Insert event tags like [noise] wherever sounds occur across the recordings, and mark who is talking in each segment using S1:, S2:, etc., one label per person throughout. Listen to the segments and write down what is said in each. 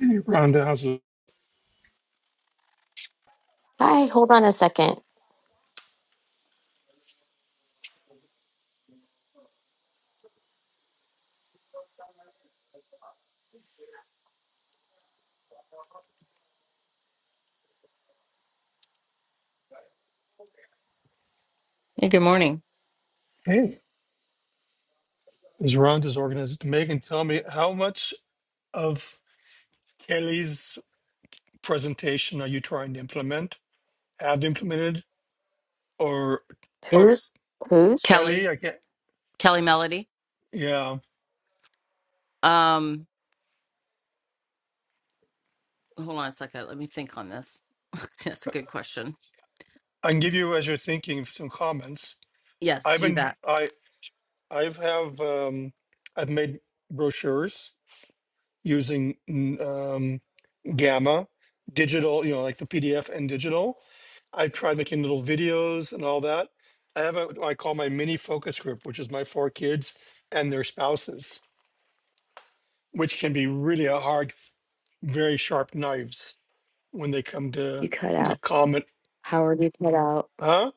S1: Hey, Rhonda, how's it?
S2: Hi, hold on a second.
S3: Hey, good morning,
S1: Hey, is Rhonda's organized? Megan, tell me how much of Kelly's presentation are you trying to implement, have implemented, or, or
S2: Who's who's?
S3: Kelly.
S1: Kelly? I can't.
S3: Kelly Melody.
S1: Yeah,
S3: Um, hold on a second. Let me think on this. [laughs] That's a good question.
S1: I can give you as you're thinking some comments.
S3: Yes,
S1: I've
S3: do
S1: been,
S3: that.
S1: I, I've have, um, I've made brochures using mm, um, Gamma, digital, you know, like the PDF and digital. I've tried making little videos and all that. I have a, what I call my mini focus group, which is my four kids and their spouses, which can be really a hard, very sharp knives when they come
S2: You
S1: to
S2: cut
S1: to
S2: out.
S1: comment.
S2: Howard, you cut out.
S1: Huh?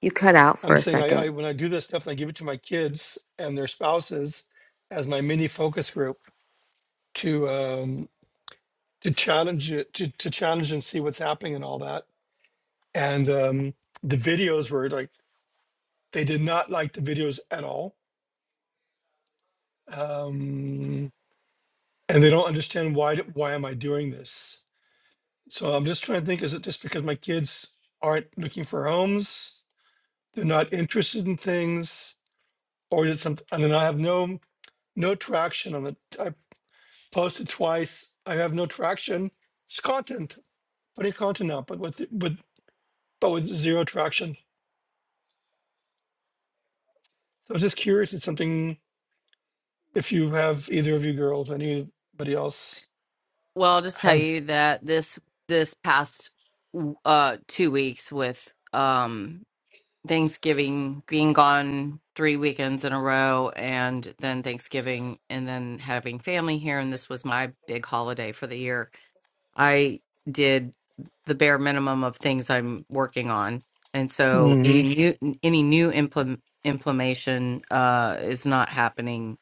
S2: You cut out for
S1: I'm
S2: a
S1: saying I, I
S2: second.
S1: when I do this stuff, and I give it to my kids and their spouses as my mini focus group to um, to challenge it, to, to challenge and see what's happening and all that. And um, the videos were like They did not like the videos at all, um, and they don't understand why. d- Why am I doing this? So I'm just trying to think: Is it just because my kids aren't looking for homes? They're not interested in things, or is it something? I mean, I have no no traction on the. I posted twice. I have no traction. It's content, putting content out, but with with but with zero traction. So I was just curious: It's something if you have either of you girls, anybody else
S3: Well, I'll just tell
S1: has
S3: you that this this past uh two weeks with um Thanksgiving being gone three weekends in a row, and then Thanksgiving, and then having family here, and this was my big holiday for the year I did the bare minimum of things I'm working on, and so
S1: Mhm.
S3: any new any new implement inflammation uh, is not happening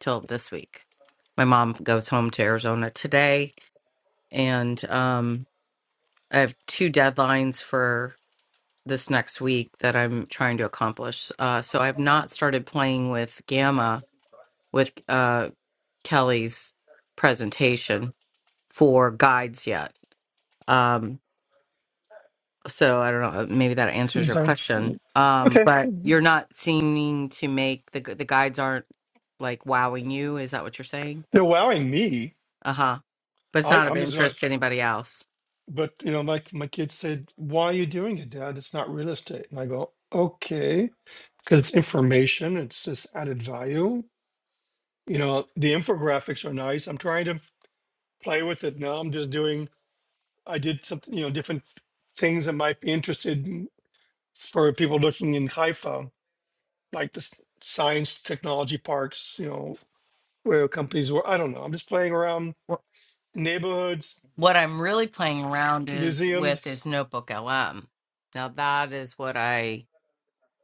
S3: till this week. My mom goes home to Arizona today, and um, I have two deadlines for this next week that I'm trying to accomplish. Uh, so I've not started playing with Gamma with uh, Kelly's presentation for guides yet. Um, So I don't know. Maybe that answers your question. Um,
S1: Okay.
S3: but you're not seeming to make the the guides aren't like wowing you. Is that what you're saying?
S1: They're wowing me.
S3: Uh huh. But it's
S1: I,
S3: not of
S1: I'm just like,
S3: interest to anybody else.
S1: but you know, my my kids said, "Why are you doing it, Dad? It's not real estate." And I go, "Okay, because it's information. It's this added value. You know, the infographics are nice. I'm trying to play with it now. I'm just doing. I did something, you know, different things that might be interested in- for people looking in Haifa, like the s- science technology parks. You know, where companies were. I don't know. I'm just playing around
S3: Wh-
S1: neighborhoods,
S3: What I'm really playing around is with
S1: museums."
S3: is Notebook LM. Now that is what I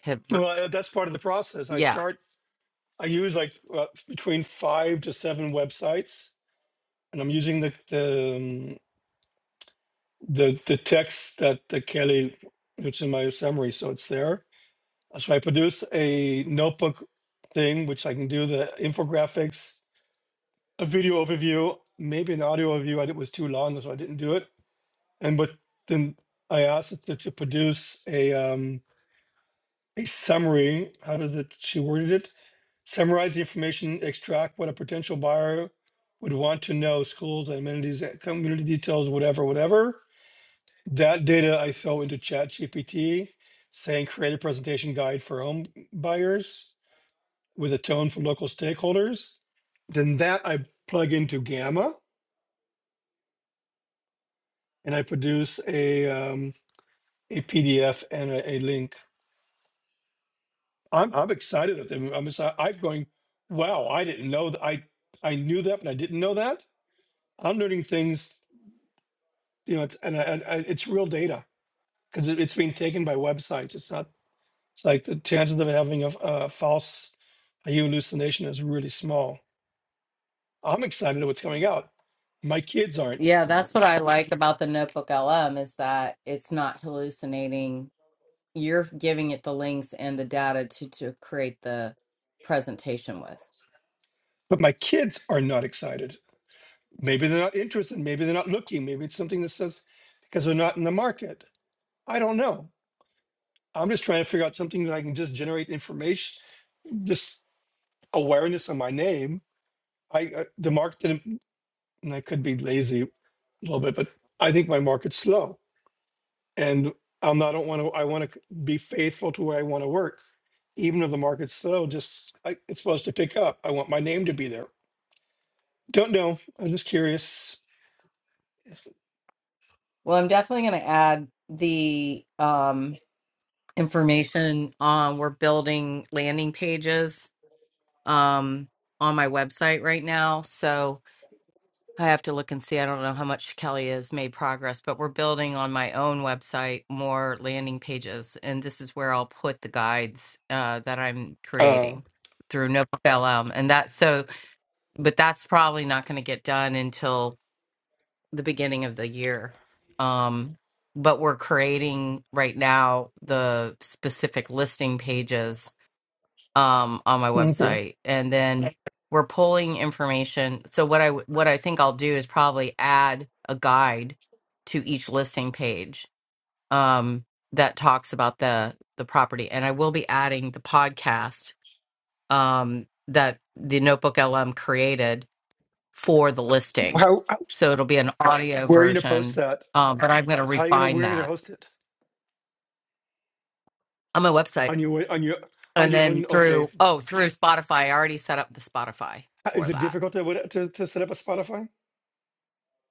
S3: have. r-
S1: Well, uh, that's part of the process. I
S3: Yeah,
S1: start, I use like uh, between five to seven websites, and I'm using the the um, the, the text that the Kelly, it's in my summary, so it's there. Uh, So I produce a notebook thing, which I can do the infographics, a video overview, maybe an audio overview. I did was too long, so I didn't do it. And but then I asked it to, to produce a um a summary. How did it, she worded it? Summarize the information, extract what a potential buyer would want to know, schools, amenities, eh, community details, whatever, whatever. That data I throw into ChatGPT, saying create a presentation guide for home buyers with a tone for local stakeholders. Then that I plug into Gamma and I produce a um, a PDF and a, a link. I'm I'm excited at them. I'm exci- I'm going, wow, I didn't know that I I knew that, but I didn't know that. I'm learning things you know, it's, and I, I, it's real data because it, it's being taken by websites. It's not, it's like the chances of having a, f- a false hallucination is really small. I'm excited at what's coming out. My kids aren't,
S3: yeah. That's what I like about the Notebook LM is that it's not hallucinating. You're giving it the links and the data to to create the presentation with.
S1: but my kids are not excited. Maybe they're not interested. Maybe they're not looking. Maybe it's something that says because they're not in the market. I don't know. I'm just trying to figure out something that I can just generate information, just awareness on my name. I uh, the market didn't, and I could be lazy a little bit, but I think my market's slow and I'm not, I don't want to, I want to be faithful to where I want to work. Even if the market's slow, just, I, it's supposed to pick up. I want my name to be there. Don't know. I'm just curious. Yes.
S3: Well, I'm definitely going to add the um, information on we're building landing pages um, on my website right now. So I have to look and see. I don't know how much Kelly has made progress, but we're building on my own website more landing pages. And this is where I'll put the guides uh, that I'm
S1: Uh,
S3: creating through NoPLM. And that, so, but that's probably not going to get done until the beginning of the year. Um, but we're creating right now the specific listing pages um, on my
S1: okay.
S3: website, and then we're pulling information. So what I w- what I think I'll do is probably add a guide to each listing page um, that talks about the the property, and I will be adding the podcast um, that the Notebook LM created for the listing.
S1: How, how-
S3: So it'll be an audio
S1: where are you going to post
S3: version,
S1: that?
S3: um, but I'm going to
S1: How are you going to,
S3: refine
S1: where are you going to
S3: that
S1: host it?
S3: on my website.
S1: On your, on your, on
S3: And
S1: your
S3: then
S1: own, okay.
S3: through, oh, through Spotify, I already set up the Spotify
S1: Is
S3: for
S1: it
S3: that.
S1: difficult to, what- to, to set up a Spotify?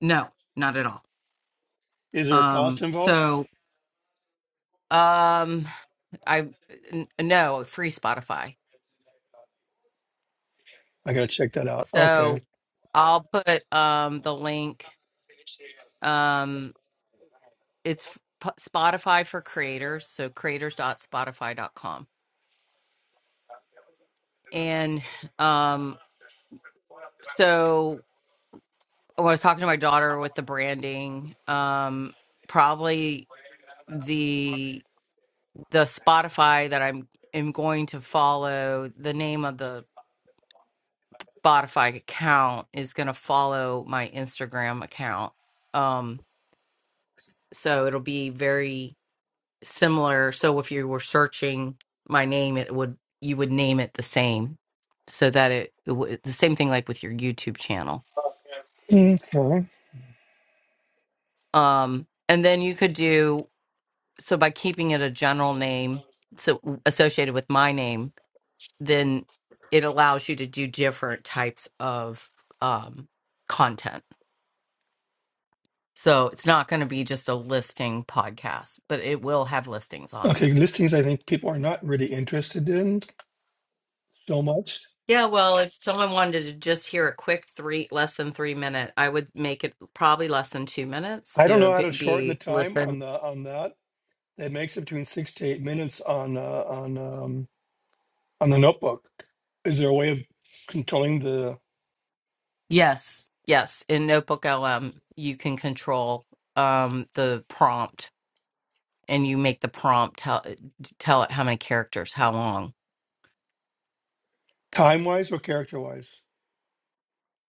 S3: No, not at all.
S1: Is there a cost
S3: Um,
S1: involved?
S3: so um, I, n- no, free Spotify.
S1: I got to check that out.
S3: So
S1: Okay.
S3: I'll put um, the link. Um, it's P- Spotify for creators. So creators.spotify.com. And um, so when I was talking to my daughter with the branding, um, probably the the Spotify that I'm am going to follow, the name of the Spotify account is going to follow my Instagram account. Um, so it'll be very similar. So if you were searching my name, it would you would name it the same, so that it, it w- it's the same thing like with your YouTube channel.
S1: Okay.
S3: Um, and then you could do so by keeping it a general name so associated with my name then it allows you to do different types of um, content so it's not going to be just a listing podcast but it will have listings on
S1: Okay.
S3: there
S1: Listings, I think people are not really interested in so much.
S3: yeah well if someone wanted to just hear a quick three less than three minute i would make it probably less than two minutes
S1: I don't
S3: it'll
S1: know how
S3: be,
S1: to shorten the
S3: be
S1: time
S3: listen
S1: on the on that. It makes it between six to eight minutes on uh, on um, on the notebook. Is there a way of controlling the
S3: yes yes in notebook lm you can control um the prompt and you make the prompt tell tell it how many characters, how long,
S1: time wise or character wise?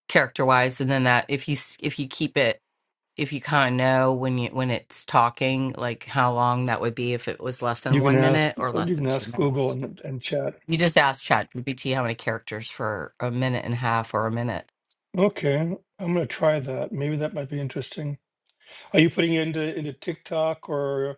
S3: character wise, and then that if you s- if you keep it if you kind of know when you when it's talking like how long that would be if it was less than
S1: You can
S3: one
S1: ask
S3: minute
S1: you
S3: or less
S1: can
S3: than two
S1: ask Google
S3: minutes.
S1: and, and chat.
S3: You just ask ChatGPT how many characters for a minute and a half or a minute
S1: Okay, I'm gonna try that. Maybe that might be interesting. Are you putting it into into TikTok or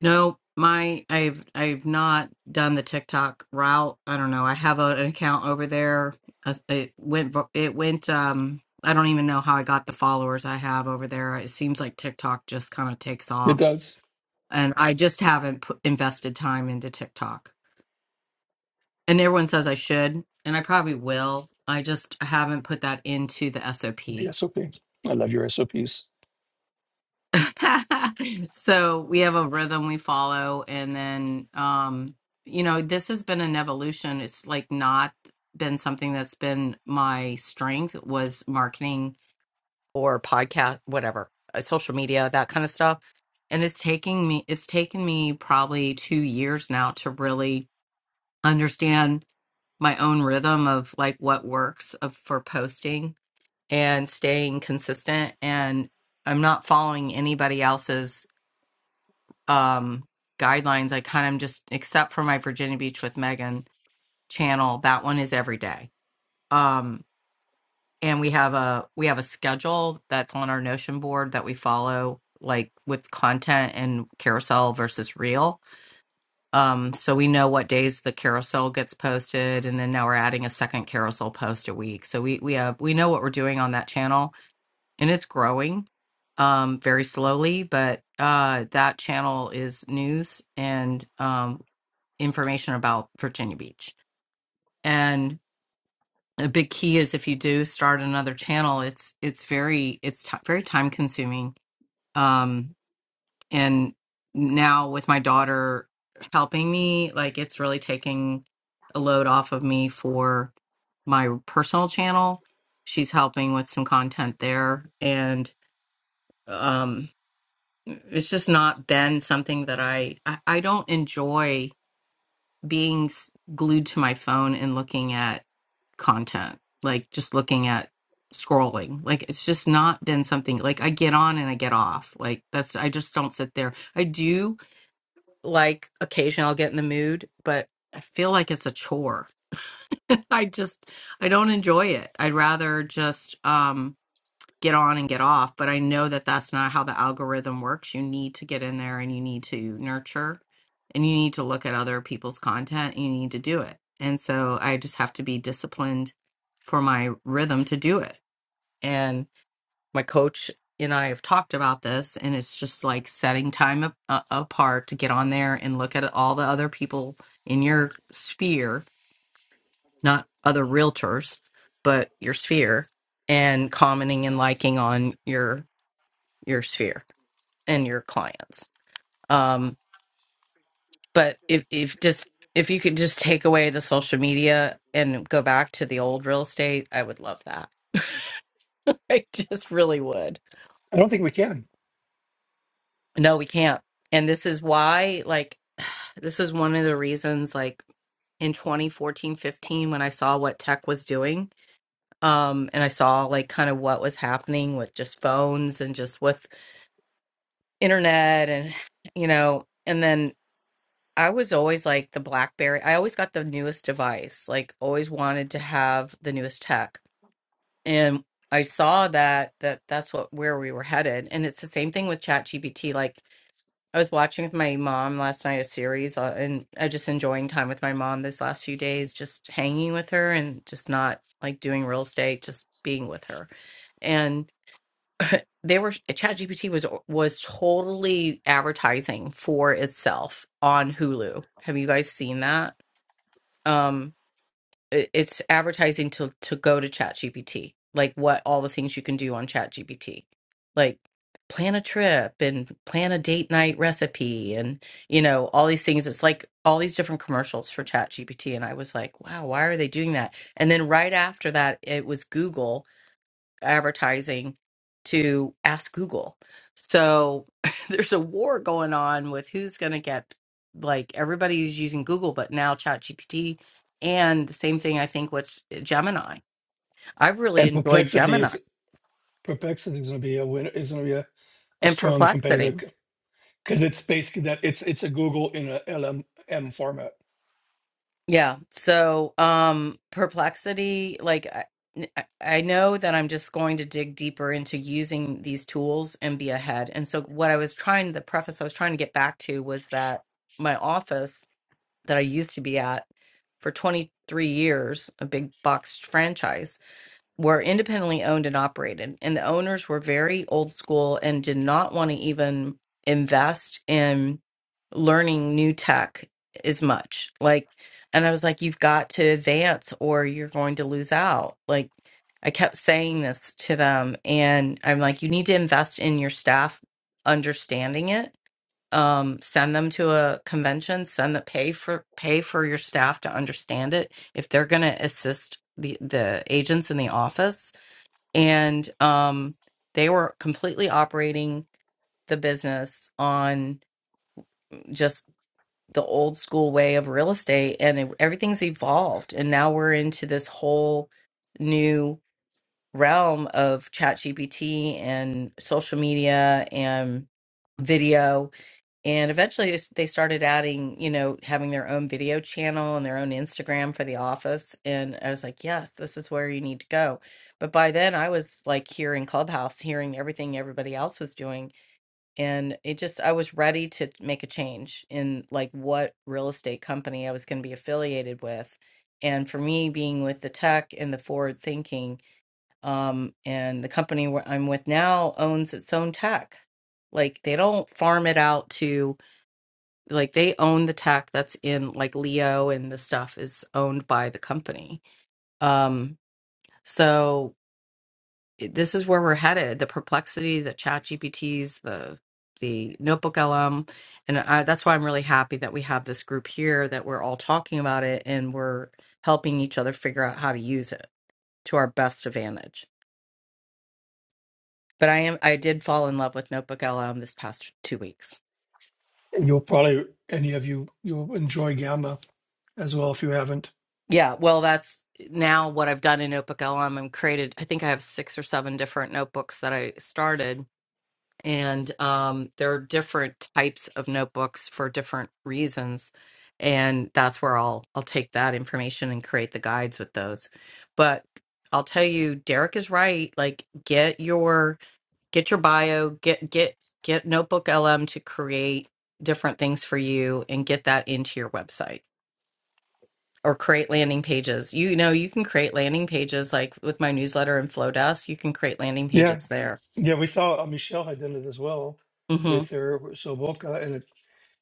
S3: No, my I've I've not done the TikTok route. I don't know. I have a, an account over there. Uh, It went vo- it went um I don't even know how I got the followers I have over there. It seems like TikTok just kind of takes
S1: it
S3: off.
S1: does
S3: And I just haven't put, invested time into TikTok. And everyone says I should, and I probably will. I just haven't put that into the SOP.
S1: the SOP? I love your SOPs.
S3: [laughs] so we have a rhythm we follow and then um you know this has been an evolution it's like not been something that's been my strength was marketing or podcast whatever uh, social media that kind of stuff and it's taking me it's taken me probably 2 years now to really understand my own rhythm of like what works of for posting and staying consistent and I'm not following anybody else's um guidelines i kind of just except for my virginia beach with megan channel that one is every day um and we have a we have a schedule that's on our notion board that we follow like with content and carousel versus reel um so we know what days the carousel gets posted and then now we're adding a second carousel post a week so we we have we know what we're doing on that channel and it's growing um very slowly but uh that channel is news and um information about Virginia Beach. And a big key is if you do start another channel, it's it's very it's ti very time consuming. Um, and now with my daughter helping me, like it's really taking a load off of me for my personal channel. She's helping with some content there, and um, it's just not been something that I I, I don't enjoy being s- glued to my phone and looking at content, like just looking at scrolling. Like it's just not been something like I get on and I get off. Like that's I just don't sit there. I do like occasionally I'll get in the mood, but I feel like it's a chore. [laughs] I just I don't enjoy it. I'd rather just um get on and get off. But I know that that's not how the algorithm works. You need to get in there and you need to nurture and you need to look at other people's content and you need to do it. And so I just have to be disciplined for my rhythm to do it. And my coach and I have talked about this, and it's just like setting time a- a- apart to get on there and look at all the other people in your sphere, not other realtors, but your sphere, and commenting and liking on your your sphere and your clients. Um, but if if just if you could just take away the social media and go back to the old real estate, I would love that. [laughs] I just really would.
S1: I don't think we can.
S3: No, we can't. And this is why, like, [sighs] this is one of the reasons, like, in 2014 15, when I saw what tech was doing, um, and I saw, like, kind of what was happening with just phones and just with internet and, [sighs] you know, and then I was always like the BlackBerry. I always got the newest device. Like always wanted to have the newest tech. And I saw that that that's what where we were headed. And it's the same thing with ChatGPT. Like I was watching with my mom last night a series uh, and I just enjoying time with my mom this last few days, just hanging with her and just not like doing real estate, just being with her. And. [laughs] they were ChatGPT was was totally advertising for itself on Hulu. Have you guys seen that? Um it, it's advertising to to go to ChatGPT, like what all the things you can do on ChatGPT. Like plan a trip and plan a date night recipe and you know all these things it's like all these different commercials for ChatGPT and I was like, "Wow, why are they doing that?" And then right after that, it was Google advertising to ask Google. So [laughs] there's a war going on with who's going to get like everybody's using Google, but now ChatGPT and the same thing I think with Gemini. I've really
S1: And
S3: enjoyed
S1: perplexity
S3: Gemini
S1: is perplexity is gonna be a win is gonna be a, a
S3: and
S1: strong
S3: Perplexity.
S1: competitor because it's basically that it's it's a Google in a L M M format.
S3: Yeah. So um Perplexity, like I, I I know that I'm just going to dig deeper into using these tools and be ahead. And so what I was trying the preface I was trying to get back to was that my office that I used to be at for 23 years, a big box franchise, were independently owned and operated. And the owners were very old school and did not want to even invest in learning new tech as much. Like, and I was like, you've got to advance or you're going to lose out. Like, I kept saying this to them. And I'm like, you need to invest in your staff understanding it um send them to a convention send the pay for pay for your staff to understand it if they're going to assist the the agents in the office and um they were completely operating the business on just the old school way of real estate and it, everything's evolved and now we're into this whole new realm of chat gpt and social media and video and eventually s- they started adding, you know, having their own video channel and their own Instagram for the office. And I was like, yes, this is where you need to go. But by then I was like here in Clubhouse, hearing everything everybody else was doing. And it just, I was ready to make a change in like what real estate company I was going to be affiliated with. And for me, being with the tech and the forward thinking, um, and the company where I'm with now owns its own tech. Like they don't farm it out to, like they own the tech that's in like leo and the stuff is owned by the company um so it- this is where we're headed the perplexity the chat gpts the the notebook lm and I, that's why i'm really happy that we have this group here that we're all talking about it and we're helping each other figure out how to use it to our best advantage but i am i did fall in love with notebook lm this past two weeks
S1: And You'll probably any of you you'll enjoy Gamma as well if you haven't.
S3: Yeah, well, that's now what I've done in Notebook LM. I'm created, I think I have six or seven different notebooks that I started, and um, there are different types of notebooks for different reasons. And that's where I'll I'll take that information and create the guides with those. But I'll tell you, Derek is right. Like get your get your bio, get get get Notebook LM to create different things for you and get that into your website or create landing pages. You know, you can create landing pages like with my newsletter and Flowdesk. You can create landing
S1: Yeah,
S3: pages there.
S1: yeah, we saw uh, Michelle had done it as well
S3: hmm
S1: with her Soboka, and it,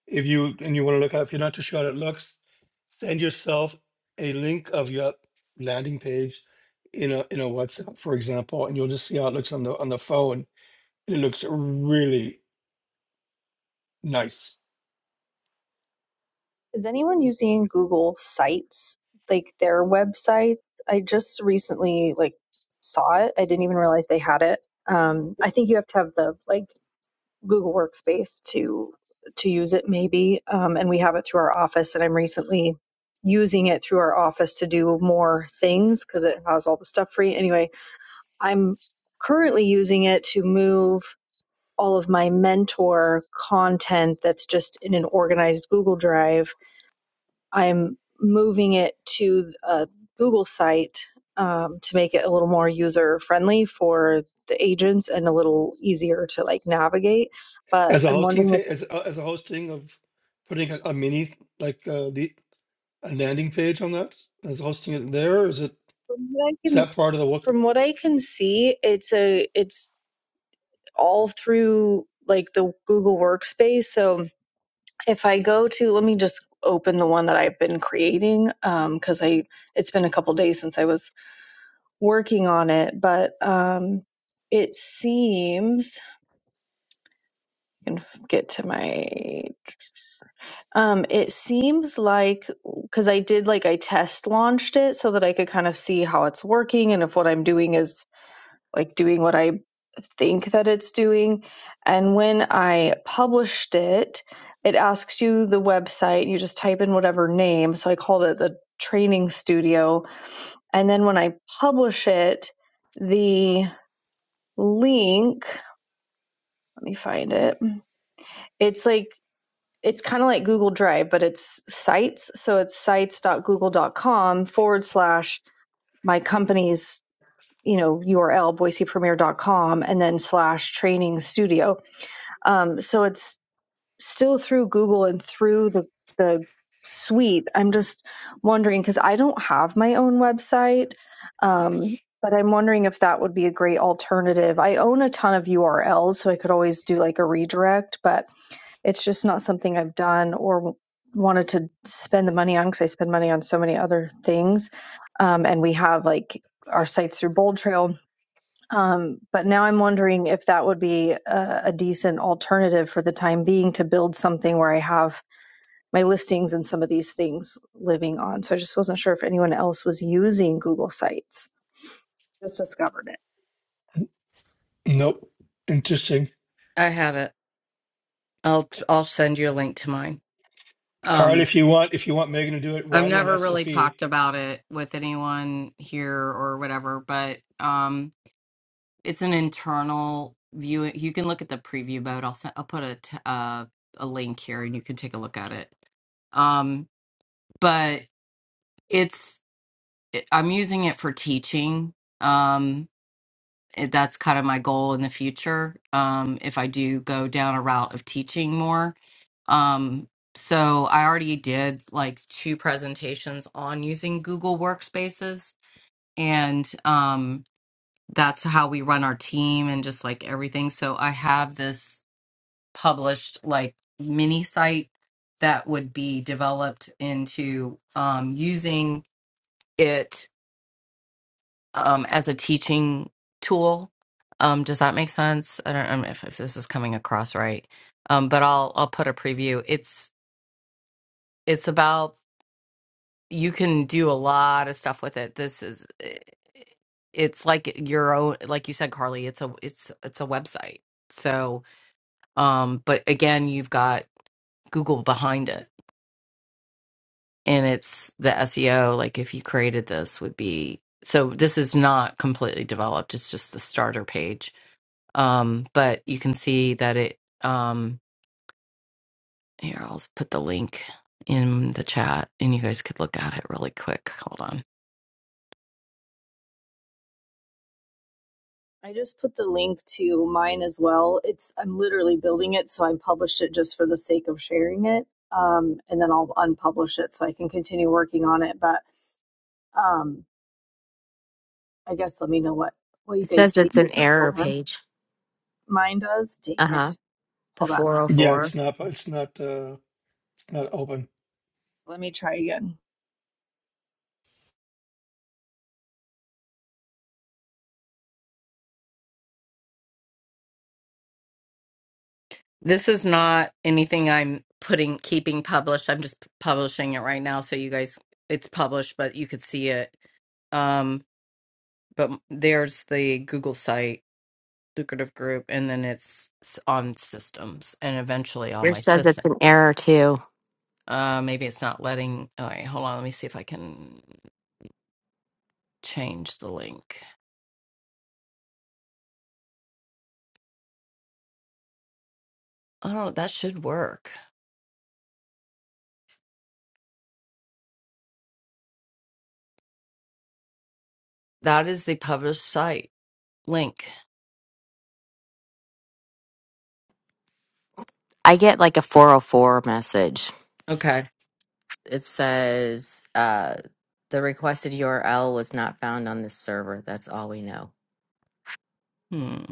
S1: if you and you want to look at if you're not too sure how it looks, send yourself a link of your landing page in a in a WhatsApp, for example, and you'll just see how it looks on the on the phone. It looks really nice
S4: Is anyone using Google Sites, like their websites? I just recently like saw it. I didn't even realize they had it. Um, I think you have to have the like Google Workspace to to use it, maybe. Um, and we have it through our office, and I'm recently using it through our office to do more things because it has all the stuff free. Anyway, I'm currently using it to move all of my mentor content that's just in an organized Google Drive I'm moving it to a Google site um, to make it a little more user friendly for the agents and a little easier to like navigate. But
S1: as a
S4: I'm
S1: hosting
S4: wondering if
S1: page as a- as a hosting of putting a, a mini like uh, the a landing page on that as hosting it there or is it
S4: from what I
S1: is
S4: can
S1: that part of the work
S4: from what I can see, it's a it's all through like the Google Workspace. So if I go to let me just open the one that I've been creating um, because I it's been a couple days since I was working on it, but um, it seems can f- get to my um it seems like because i did like i test launched it so that i could kind of see how it's working and if what i'm doing is like doing what i think that it's doing and when i published it it asks you the website you just type in whatever name so i called it the training studio and then when i publish it the link let me find it it's like it's kind of like Google Drive, but it's sites. So it's sites.google.com forward slash my company's, you know, URL, boisepremier.com, and then slash training studio. Um, so it's still through Google and through the, the suite. I'm just wondering because I don't have my own website. Um, but I'm wondering if that would be a great alternative. I own a ton of URLs, so I could always do like a redirect, but it's just not something I've done or wanted to spend the money on because I spend money on so many other things. Um, and we have like our sites through Bold Trail. Um, but now I'm wondering if that would be a, a decent alternative for the time being to build something where I have my listings and some of these things living on. So I just wasn't sure if anyone else was using Google Sites. Just discovered it.
S1: nope interesting
S3: I have it. I'll I'll send you a link to mine.
S1: carl
S3: Um,
S1: if you want if you want megan to do it
S3: I've
S1: write her an
S3: never really
S1: sop yeah
S3: talked about it with anyone here or whatever, but um, it's an internal view. You can look at the preview mode. I'll send, I'll put a t- uh, a link here, and you can take a look at it. Um, but it's it- I'm using it for teaching. Um, it- that's kind of my goal in the future um, if I do go down a route of teaching more. Um, so I already did like two presentations on using Google Workspaces, and um, that's how we run our team and just like everything. So I have this published like mini site that would be developed into um, using it um, as a teaching tool. Um, does that make sense? I don't, I don't know if, if this is coming across right, um, but I'll I'll put a preview. It's it's about you can do a lot of stuff with it. This is eh, it's like your own, like you said, Carly. It's a it's it's a website. So, um, but again, you've got Google behind it, and it's the SEO. Like if you created this, would be so. This is not completely developed. It's just the starter page Um, but you can see that it, um, here, I'll s- put the link in the chat and you guys could look at it really quick. Hold on.
S4: I just put the link to mine as well. It's I'm literally building it, so I published it just for the sake of sharing it. Um, and then I'll unpublish it so I can continue working on it. But um, I guess let me know what what you
S2: It
S4: guys
S2: says
S4: think
S2: it's an
S4: so
S2: error
S4: far.
S2: page.
S4: Mine does. Dang
S2: Uh huh.
S4: it!
S2: The
S4: Hold on.
S2: 404.
S1: it's not it's not uh not open
S4: Let me try again.
S3: This is not anything I'm putting, keeping published. I'm just p- publishing it right now. So you guys, it's published, but you could see it. Um, but m- there's the Google site, Lucrative Group, and then it's s- on systems and eventually all my
S2: Yours says it's
S3: systems.
S2: an error too.
S3: Uh, maybe it's not letting. All right, hold on. Let me see if I can change the link. Oh, that should work. That is the published site link.
S2: I get like a 404 message.
S3: Okay.
S2: It says uh, the requested URL was not found on this server. That's all we know.
S3: Hmm.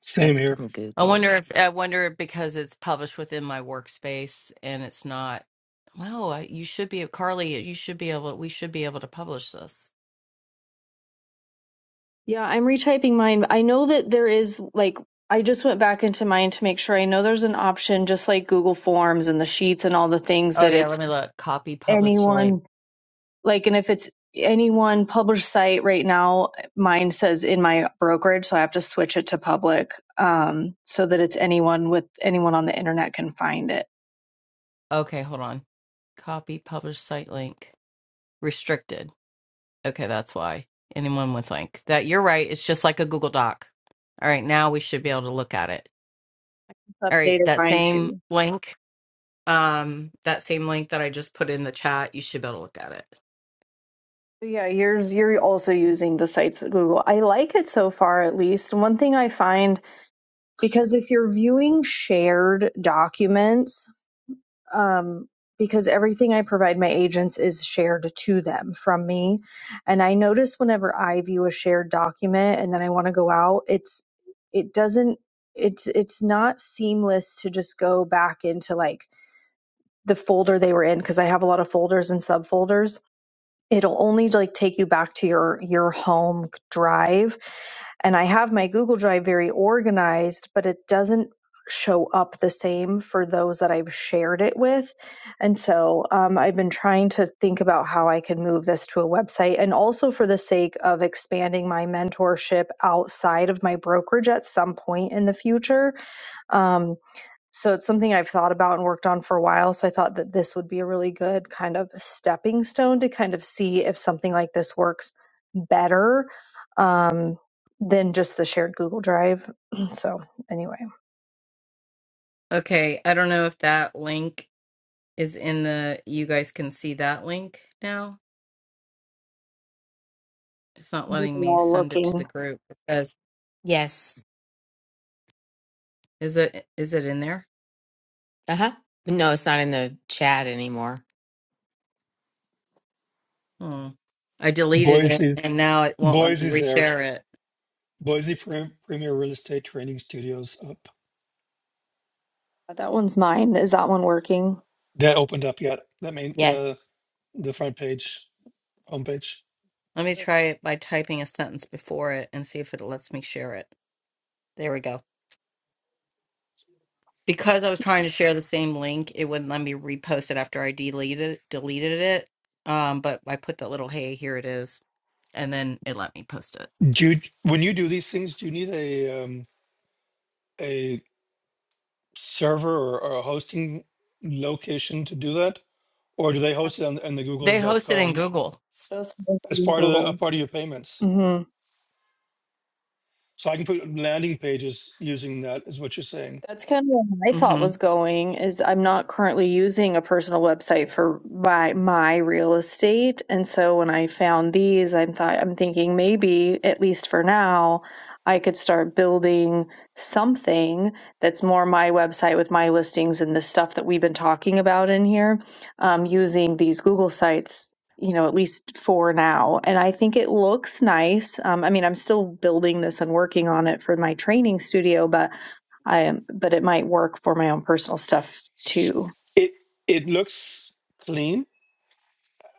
S1: same
S2: That's
S1: here
S2: from
S3: I
S2: Google.
S3: wonder if I wonder if because it's published within my workspace and it's not. Well, I, you should be Carly. You should be able. We should be able to publish this.
S4: Yeah, I'm retyping mine. I know that there is like I just went back into mine to make sure. I know there's an option just like Google Forms and the sheets and all the things
S3: Oh
S4: that
S3: yeah, let
S4: it's
S3: me look. Copy published link.
S4: anyone like and if it's any one published site right now mine says in my brokerage so i have to switch it to public um, so that it's anyone with anyone on the internet can find it
S3: Okay, hold on. Copy published site link restricted. Okay, that's why anyone would think that you're right. It's just like a Google Doc. All right, now we should be able to look at it. All right,
S4: updated
S3: that
S4: mine
S3: same
S4: too
S3: link. um that same link that I just put in the chat. You should be able to look at it.
S4: yeah yours you're also using the sites at google i like it so far at least one thing i find because if you're viewing shared documents, um, because everything I provide my agents is shared to them from me. And I notice whenever I view a shared document and then I want to go out, it's, it doesn't, it's, it's not seamless to just go back into like the folder they were in because I have a lot of folders and subfolders it'll only like take you back to your your home drive and i have my google drive very organized but it doesn't show up the same for those that i've shared it with and so um, i've been trying to think about how i could move this to a website and also for the sake of expanding my mentorship outside of my brokerage at some point in the future Um, so it's something I've thought about and worked on for a while. So I thought that this would be a really good kind of stepping stone to kind of see if something like this works better um, than just the shared Google Drive. [clears throat] So anyway,
S3: Okay, I don't know if that link is in the you guys can see that link now. It's not
S4: we've
S3: letting
S4: been
S3: me
S4: all
S3: send it to the
S4: looking.
S3: group. It
S2: Yes.
S3: is it is it in there?
S2: Uh huh. No, it's not in the chat anymore.
S3: Hmm. I deleted it
S1: boise
S3: and now it won't let me
S1: boise's there
S3: reshare it.
S1: Boise Pre- Premier Real Estate Training Studios up.
S4: That one's mine. Is that one working?
S1: That opened up yet? That main the
S2: Yes.
S1: the front page homepage.
S3: Let me try it by typing a sentence before it and see if it lets me share it. There we go. because I was trying to share the same link, it wouldn't let me repost it after I deleted deleted it. Um, but I put that little hey, here it is, and then it let me post it.
S1: Do you, when you do these things, do you need a um, a server or, or a hosting location to do that, or do they host it on, on the Google
S3: They
S1: dot
S3: host it in
S1: com
S3: Google.
S4: Just
S1: as part of the a
S4: Google.
S1: part of your payments? So I can put landing pages using that. Is what you're saying?
S4: That's kind of where my thought
S3: hmm
S4: was going is I'm not currently using a personal website for my my real estate. And so when I found these, I'm thought I'm thinking maybe at least for now, I could start building something that's more my website with my listings and the stuff that we've been talking about in here, um, using these Google sites, you know, at least for now. And I think it looks nice. Um, I mean, I'm still building this and working on it for my training studio, but I but it might work for my own personal stuff too.
S1: It it looks clean.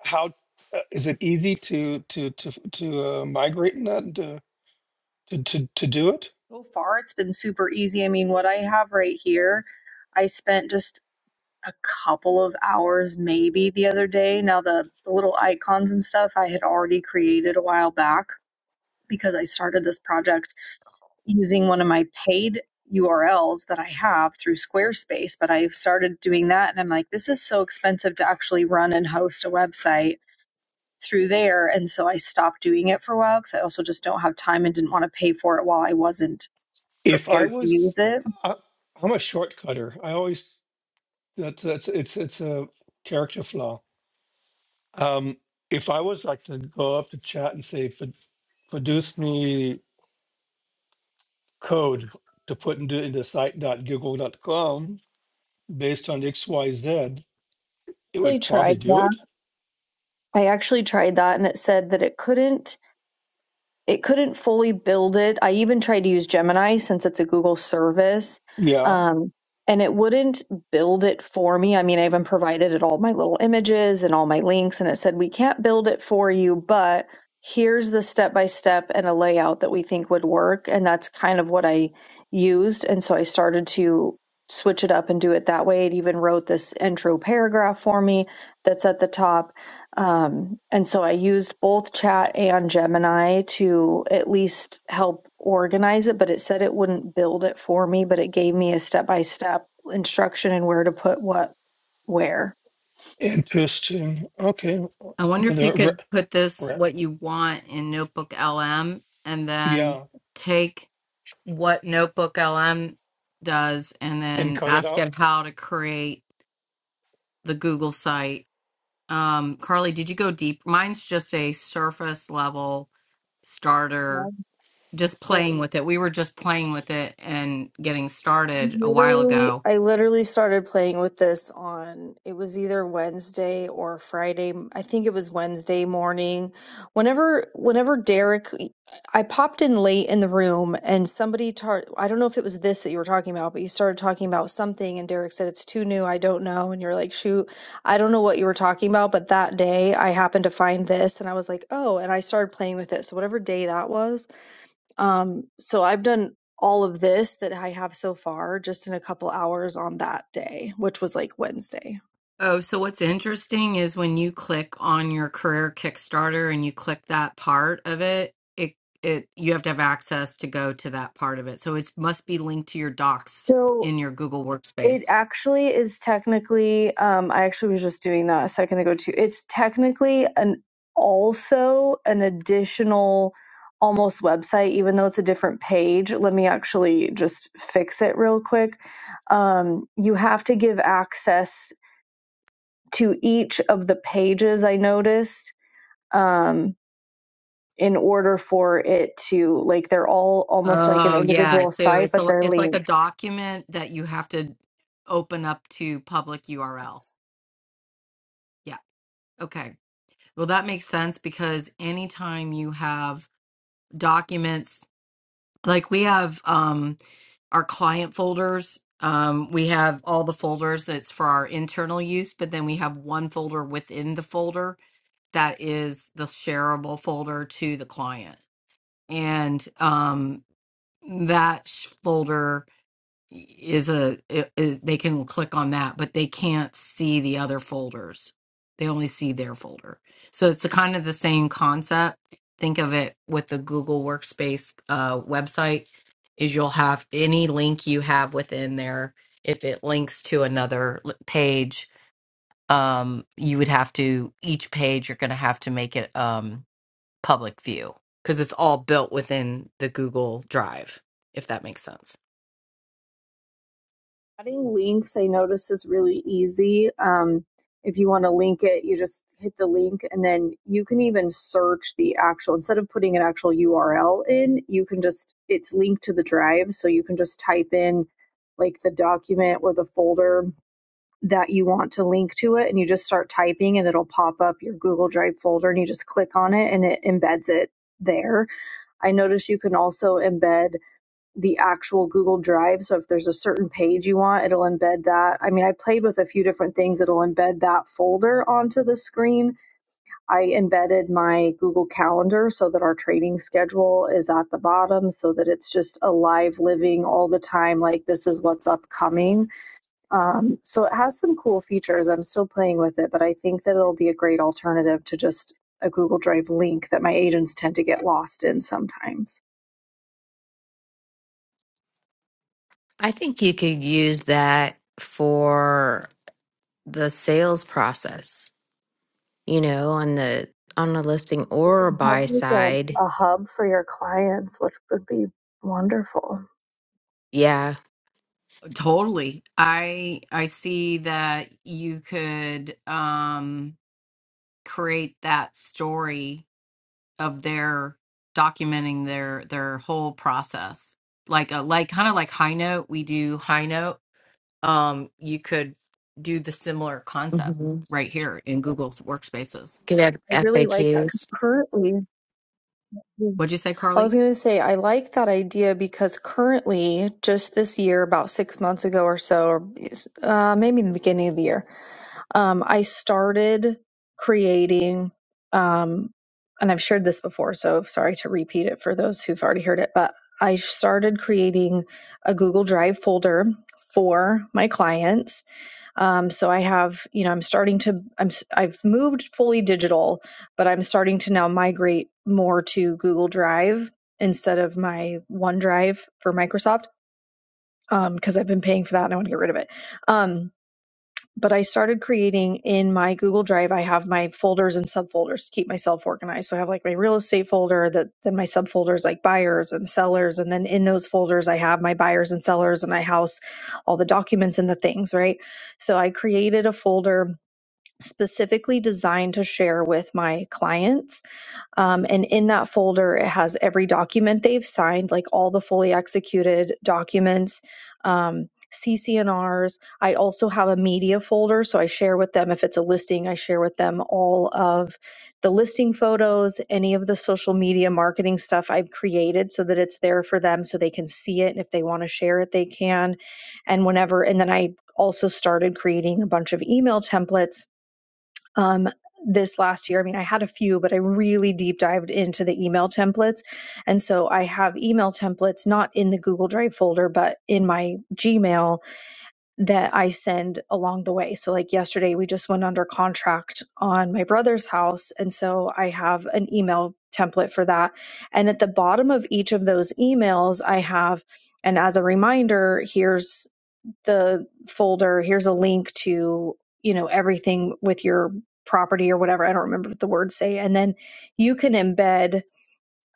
S1: How uh, is it easy to to to to uh, migrate in that? uh, to to, to do it.
S4: So far, it's been super easy. I mean, what I have right here, I spent just a couple of hours maybe the other day. Now, the, the little icons and stuff I had already created a while back because I started this project using one of my paid URLs that I have through Squarespace. But I started doing that and I'm like, this is so expensive to actually run and host a website through there. And so I stopped doing it for a while because I also just don't have time and didn't want to pay for it while I wasn't
S1: If I
S4: prepared to use
S1: was,
S4: it.
S1: I, I'm a shortcutter. I always that's that's it's it's a character flaw. Um, if I was like to go up to chat and say, "Pro- produce me code to put into into site.google dot com based on X Y Z," it
S4: actually
S1: would
S4: tried
S1: probably do
S4: that.
S1: it.
S4: I actually tried that and it said that it couldn't it couldn't fully build it. I even tried to use Gemini since it's a Google service,
S1: Yeah,
S4: um, and it wouldn't build it for me. I mean, I even provided it all my little images and all my links, and it said, We can't build it for you, but here's the step by step and a layout that we think would work. And that's kind of what I used. And so I started to switch it up and do it that way. It even wrote this intro paragraph for me that's at the top um, and so I used both chat and Gemini to at least help organize it, but it said it wouldn't build it for me, but it gave me a step by step instruction and where to put what where.
S1: interesting. Okay,
S3: I wonder if you
S1: another
S3: could
S1: re-
S3: put this
S1: re-
S3: what you want in Notebook LM, and then
S1: yeah,
S3: take what Notebook LM does, and
S1: and
S3: then
S1: code it
S3: ask
S1: out.
S3: it how to create the Google site. Um, Carly, did you go deep? Mine's just a surface level starter
S4: Mine,
S3: just playing
S4: Same.
S3: with it. We were just playing with it and getting started a while
S4: Literally,
S3: ago.
S4: I literally started playing with this on, it was either Wednesday or Friday. I think it was Wednesday morning. Whenever, whenever Derek, e, I popped in late in the room and somebody tar I don't know if it was this that you were talking about, but you started talking about something and Derek said it's too new, I don't know. And you're like, shoot, I don't know what you were talking about, but that day I happened to find this and I was like, oh, and I started playing with it. So whatever day that was, um, so I've done all of this that I have so far just in a couple hours on that day, which was like Wednesday.
S3: Oh, so what's interesting is when you click on your career Kickstarter and you click that part of it, it it you have to have access to go to that part of it. So it must be linked to your docs
S4: So
S3: in your Google
S4: it
S3: Workspace.
S4: actually is technically, um, I actually was just doing that a second ago too. It's technically an also an additional almost website, even though it's a different page. Let me actually just fix it real quick. Um, you have to give access to each of the pages I noticed. Um, in order for it to like they're all almost like an
S3: Oh, yeah.
S4: individual
S3: So
S4: site
S3: it's
S4: but
S3: a
S4: they're
S3: it's like a
S4: linked
S3: document that you have to open up to public URL.
S4: Yes.
S3: Yeah. Okay. Well, that makes sense because anytime you have documents like we have um our client folders um we have all the folders that's for our internal use but then we have one folder within the folder that is the shareable folder to the client and um that sh- folder is a is they can click on that but they can't see the other folders they only see their folder so it's the kind of the same concept think of it with the google workspace uh, website is you'll have any link you have within there if it links to another l- page um, you would have to each page you're going to have to make it Um, public view because it's all built within the Google Drive, if that makes sense.
S4: Adding links, I notice, is really easy. Um, if you want to link it, you just hit the link and then you can even search the actual, instead of putting an actual URL in, you can just, it's linked to the drive. So you can just type in like the document or the folder that you want to link to it and you just start typing and it'll pop up your Google Drive folder and you just click on it and it embeds it there I noticed you can also embed the actual Google Drive. So if there's a certain page you want, it'll embed that. I mean, I played with a few different things. It'll embed that folder onto the screen. I embedded my Google Calendar so that our training schedule is at the bottom so that it's just alive, living all the time. Like this is what's upcoming. Um, so it has some cool features. I'm still playing with it, but I think that it'll be a great alternative to just a Google Drive link that my agents tend to get lost in sometimes.
S2: I think you could use that for the sales process, you know, on the on a listing
S4: You
S2: or
S4: can
S2: a
S4: have
S2: buy
S4: like
S2: side.
S4: a, a hub for your clients, which would be wonderful.
S2: Yeah,
S3: Uh, Totally. I I see that you could um create that story of their documenting their their whole process. Like a like kind of like high note, we do high note um, you could do the similar concept
S2: hmm
S3: right here in Google's workspaces.
S2: could
S4: Yeah,
S2: add
S4: I really like that. 'cause
S2: FAQs.
S4: Currently, Mm.
S3: What'd you say,
S4: I was
S3: Carly?
S4: going to say, I like that idea because currently, just this year, about six months ago or so, or yes, uh, maybe in the beginning of the year, um, I started creating, um, and I've shared this before, so sorry to repeat it for those who've already heard it, but I started creating a Google Drive folder for my clients Um, so I have, you know, I'm starting to, I'm, i I've moved fully digital, but I'm starting to now migrate more to Google Drive instead of my OneDrive for Microsoft um, because I've been paying for that and I want to get rid of it. Um, but I started creating in my Google Drive. I have my folders and subfolders to keep myself organized. So I have like my real estate folder that then my subfolders like buyers and sellers. And then in those folders, I have my buyers and sellers and I house, all the documents and the things, right? So I created a folder specifically designed to share with my clients um, and in that folder, it has every document they've signed, like all the fully executed documents, um, CCNRs. I also have a media folder, so I share with them if it's a listing, I share with them all of the listing photos, any of the social media marketing stuff I've created so that it's there for them so they can see it. And if they want to share it, they can. And whenever, and then I also started creating a bunch of email templates um, this last year. I mean, I had a few, but I really deep dived into the email templates. And so I have email templates not in the Google Drive folder, but in my Gmail that I send along the way. So, like yesterday, we just went under contract on my brother's house. And so I have an email template for that. And at the bottom of each of those emails, I have, and as a reminder, here's the folder here's a link to you know everything with your property or whatever i don't remember what the words say and then you can embed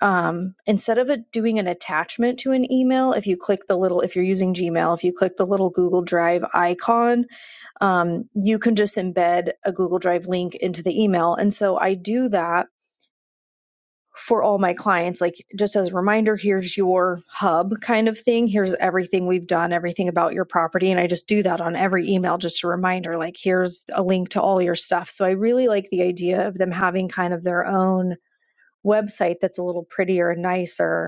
S4: um, instead of it doing an attachment to an email if you click the little if you're using gmail if you click the little google drive icon um, you can just embed a google drive link into the email and so i do that for all my clients like just as a reminder here's your hub kind of thing here's everything we've done everything about your property and i just do that on every email just a reminder like here's a link to all your stuff so i really like the idea of them having kind of their own website that's a little prettier and nicer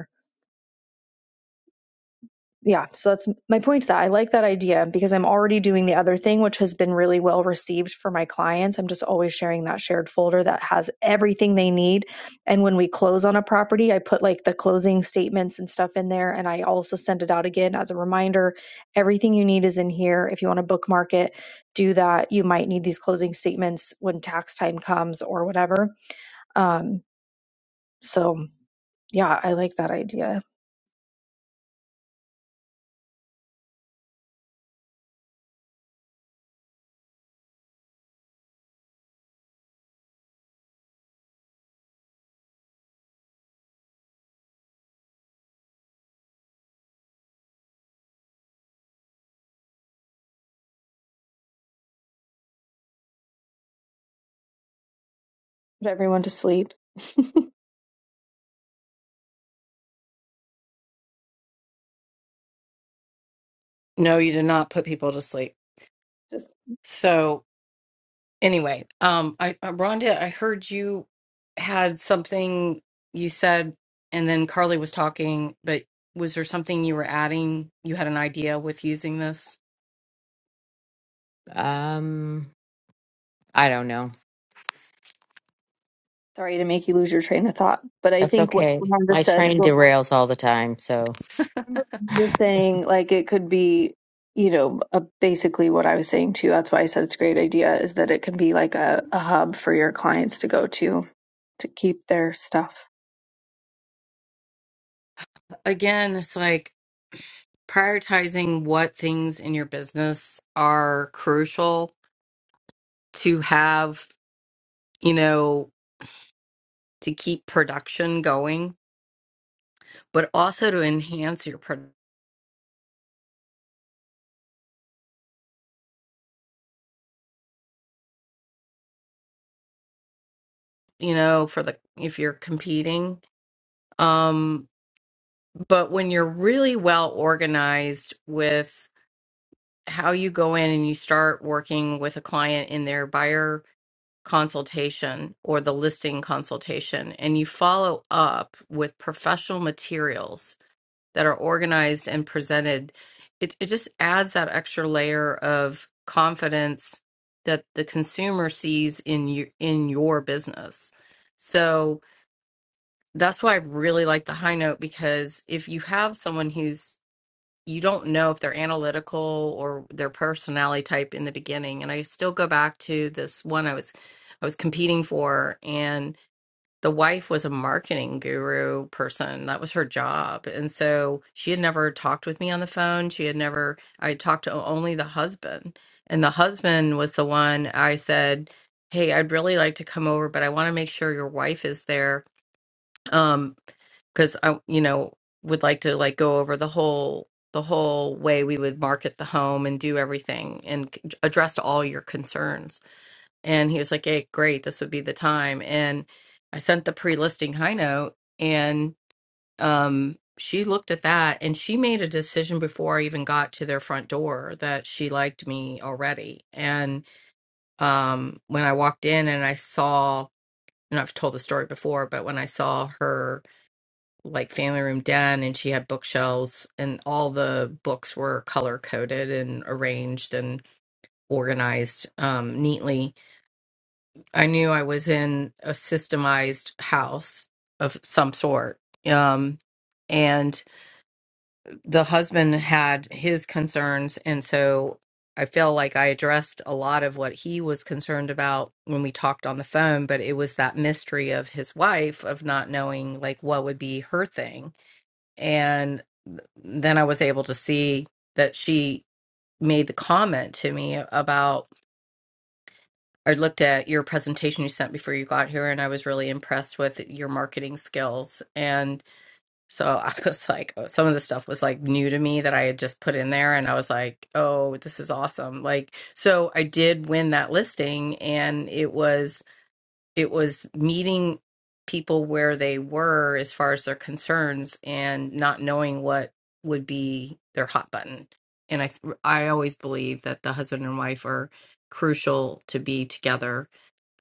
S4: yeah so that's my point that i like that idea because i'm already doing the other thing which has been really well received for my clients i'm just always sharing that shared folder that has everything they need and when we close on a property i put like the closing statements and stuff in there and i also send it out again as a reminder everything you need is in here if you want to bookmark it do that you might need these closing statements when tax time comes or whatever um, so yeah i like that idea Put everyone to sleep. [laughs]
S3: No, you did not put people to sleep.
S4: Just
S3: So anyway, um, I uh, Rhonda, I heard you had something you said, and then Carly was talking, but was there something you were adding? You had an idea with using this?
S2: Um, I don't know.
S4: sorry to make you lose your train of thought, but I
S2: That's
S4: think what
S2: okay.
S4: Rhonda
S2: My
S4: said.
S2: train
S4: what
S2: derails all the time. So,
S4: remember just saying like it could be you know a, basically what i was saying too that's why i said it's a great idea is that it can be like a, a hub for your clients to go to to keep their stuff
S3: Again, it's like prioritizing what things in your business are crucial to have, you know. to keep production going, but also to enhance your, pro- you know, for the if you're competing. Um, but when you're really well organized with how you go in and you start working with a client in their buyer consultation or the listing consultation, and you follow up with professional materials that are organized and presented, it, it just adds that extra layer of confidence that the consumer sees in you in your business. So that's why I really like the high note because if you have someone who's you don't know if they're analytical or their personality type in the beginning. And I still go back to this one I was I was competing for and the wife was a marketing guru person. That was her job. And so she had never talked with me on the phone. She had never, I talked to only the husband. And the husband was the one I said, Hey, I'd really like to come over, but I want to make sure your wife is there. Um, because I, you know, would like to like go over the whole the whole way we would market the home and do everything and c- address all your concerns and he was like, Hey, great, this would be the time. And I sent the pre listing high note and um she looked at that and she made a decision before I even got to their front door that she liked me already. And um when I walked in and I saw and I've told the story before, but when I saw her like family room den and she had bookshelves and all the books were color coded and arranged and organized um neatly I knew I was in a systemized house of some sort. Um, and the husband had his concerns. And so I feel like I addressed a lot of what he was concerned about when we talked on the phone, but it was that mystery of his wife, of not knowing like what would be her thing. And then I was able to see that she made the comment to me about I looked at your presentation you sent before you got here, and I was really impressed with your marketing skills. And so [laughs] I was like, oh, some of the stuff was like new to me that I had just put in there, and I was like, oh, this is awesome. Like, so I did win that listing, and it was it was meeting people where they were as far as their concerns and not knowing what would be their hot button. And I I always believe that the husband and wife are crucial to be together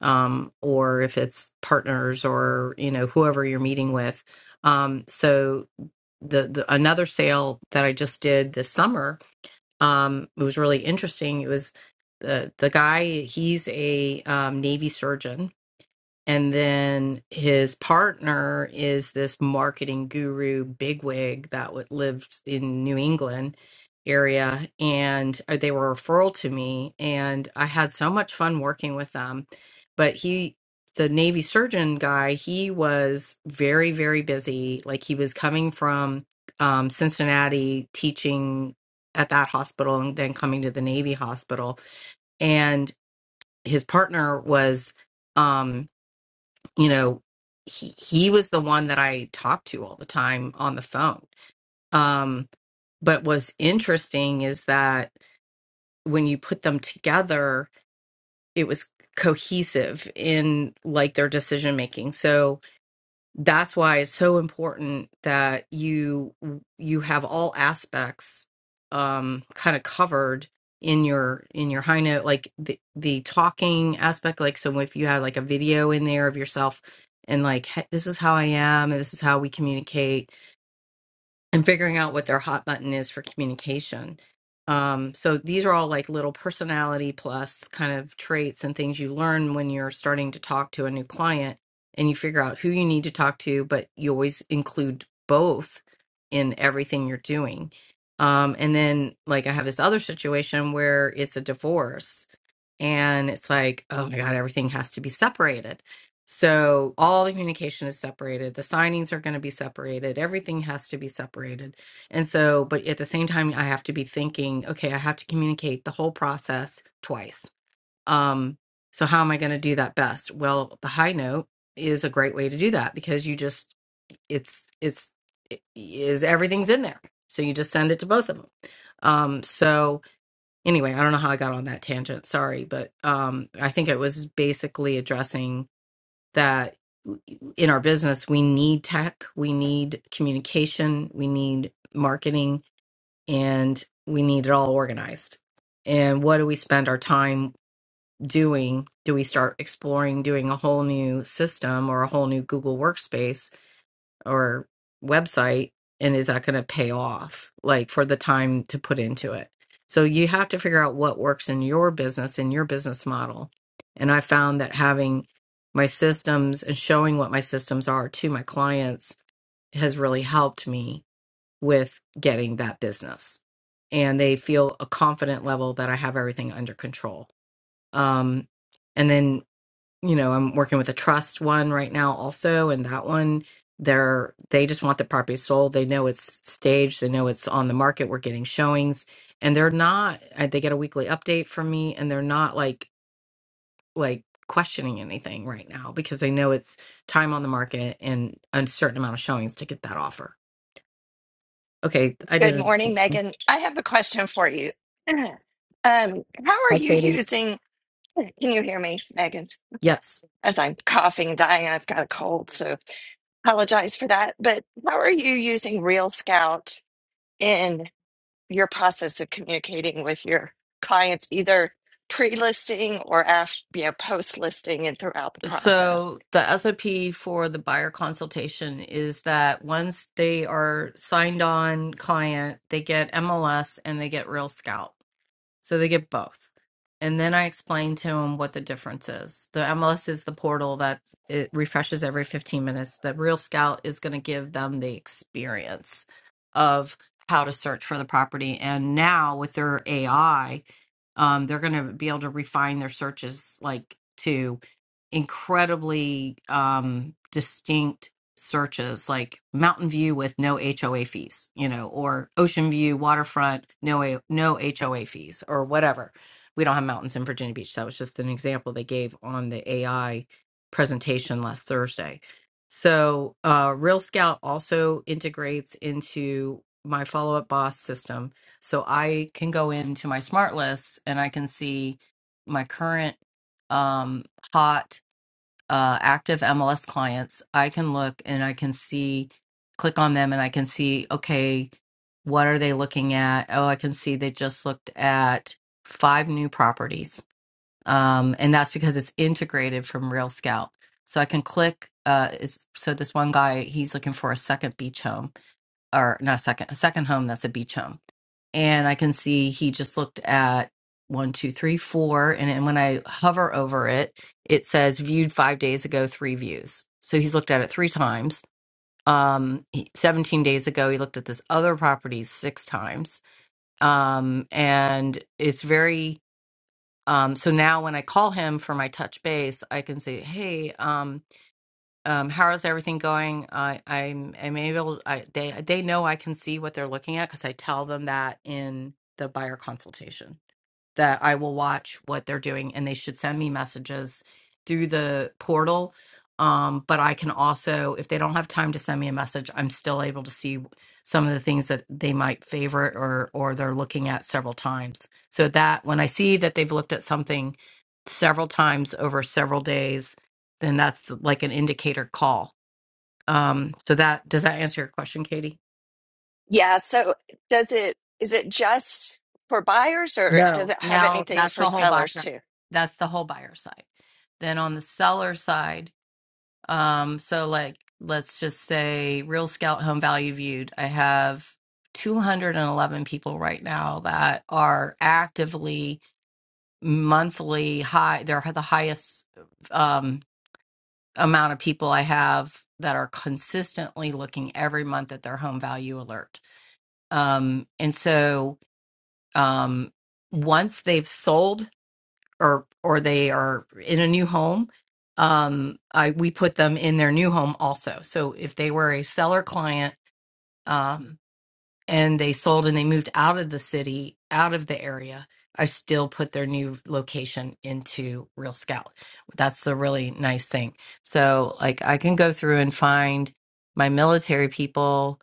S3: um, or if it's partners or you know whoever you're meeting with. Um, so the, the another sale that I just did this summer. Um, it was really interesting. It was the the guy. He's a um, Navy surgeon, and then his partner is this marketing guru bigwig that would lived in New England area and uh, they were a referral to me and I had so much fun working with them. But he the Navy surgeon guy, he was very, very busy. Like he was coming from um, Cincinnati teaching at that hospital and then coming to the Navy hospital. And his partner was um you know he he was the one that I talked to all the time on the phone um but what's interesting is that when you put them together it was cohesive in like their decision making so that's why it's so important that you you have all aspects um kind of covered in your in your high note like the the talking aspect like so if you had like a video in there of yourself and like "Hey, this is how i am and this is how we communicate and figuring out what their hot button is for communication. Um, so these are all like little personality plus kind of traits and things you learn when you're starting to talk to a new client and you figure out who you need to talk to, but you always include both in everything you're doing. Um, and then, like, I have this other situation where it's a divorce and it's like, oh my God, everything has to be separated. So all the communication is separated. The signings are going to be separated. Everything has to be separated. And so, but at the same time, I have to be thinking, okay, I have to communicate the whole process twice. Um, so how am I going to do that best? Well, the high note is a great way to do that because you just it's it's it is everything's in there. So you just send it to both of them. Um, so anyway, I don't know how I got on that tangent. Sorry, but um, I think it was basically addressing that in our business we need tech, we need communication, we need marketing, and we need it all organized. And what do we spend our time doing? Do we start exploring doing a whole new system or a whole new Google workspace or website and is that going to pay off like for the time to put into it so you have to figure out what works in your business in your business model and i found that having my systems and showing what my systems are to my clients has really helped me with getting that business and they feel a confident level that i have everything under control um, and then you know, I'm working with a trust one right now also, and that one, they're they just want the property sold. They know it's staged, they know it's on the market. We're getting showings, and they're not. uh, They get a weekly update from me, and they're not like like questioning anything right now because they know it's time on the market and a certain amount of showings to get that offer. Okay, I
S5: Good
S3: did.
S5: morning,
S3: it.
S5: Megan. I have a question for you. [clears throat] Um, how are
S3: Hi,
S5: you
S3: Katie.
S5: using? [clears throat] Can you hear me, Megan?
S3: Yes.
S5: As I'm coughing, dying, I've got a cold, so apologize for that. But how are you using Real Scout in your process of communicating with your clients, either pre-listing or after, you know, post-listing and throughout the process?
S3: So the SOP for the buyer consultation is that once they are signed on client, they get MLS and they get Real Scout. So they get both. And then I explained to him what the difference is. The MLS is the portal that it refreshes every 15 minutes. The Real Scout is going to give them the experience of how to search for the property. And now with their AI, um, they're going to be able to refine their searches like to incredibly um, distinct searches like mountain view with no HOA fees, you know, or ocean view, waterfront, no A- no HOA fees or whatever. We don't have mountains in Virginia Beach. That was just an example they gave on the AI presentation last Thursday. So, uh, Real Scout also integrates into my follow up boss system. So I can go into my smart list and I can see my current um, hot uh, active MLS clients, I can look and I can see, click on them and I can see, okay, what are they looking at? Oh, I can see they just looked at five new properties. Um, and that's because it's integrated from Real Scout. So I can click. Uh, it's, so this one guy, he's looking for a second beach home or not a second, a second home that's a beach home and I can see he just looked at one, two, three, four. And, and when I hover over it, it says viewed five days ago, three views. So he's looked at it three times. Um, he- 17 days ago, he looked at this other property six times. Um, and it's very, um, so now when I call him for my touch base, I can say, Hey, um, um, how is everything going? I, I'm, I'm able. I, they, they know I can see what they're looking at because I tell them that in the buyer consultation that I will watch what they're doing and they should send me messages through the portal. Um, but I can also, if they don't have time to send me a message, I'm still able to see some of the things that they might favorite or or they're looking at several times. So that when I see that they've looked at something several times over several days, then that's like an indicator call. Um, so that does that answer your question, Katie?
S5: Yeah. So does it? Is it just for buyers, or does
S3: No,
S5: it have
S3: now
S5: anything
S3: that's
S5: for
S3: the whole buyer.
S5: sellers too?
S3: That's the whole buyer side. Then on the seller side, um, so like let's just say Real Scout Home Value Viewed, I have 211 people right now that are actively monthly high. They're the highest um, amount of people I have that are consistently looking every month at their home value alert. Um, and so um, once they've sold or or they are in a new home um i we put them in their new home also so if they were a seller client um and they sold and they moved out of the city out of the area i still put their new location into real scout that's the really nice thing so like i can go through and find my military people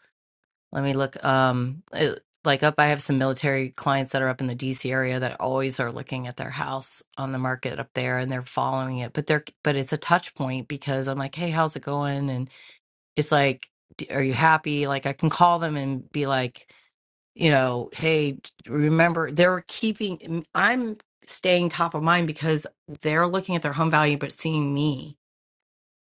S3: let me look. Um, it, like up, I have some military clients that are up in the DC area that always are looking at their house on the market up there and they're following it. But they're, but it's a touch point because I'm like, hey, how's it going? And it's like, "D- are you happy? Like I can call them and be like, you know, hey, d- remember they're keeping, I'm staying top of mind because they're looking at their home value, but seeing me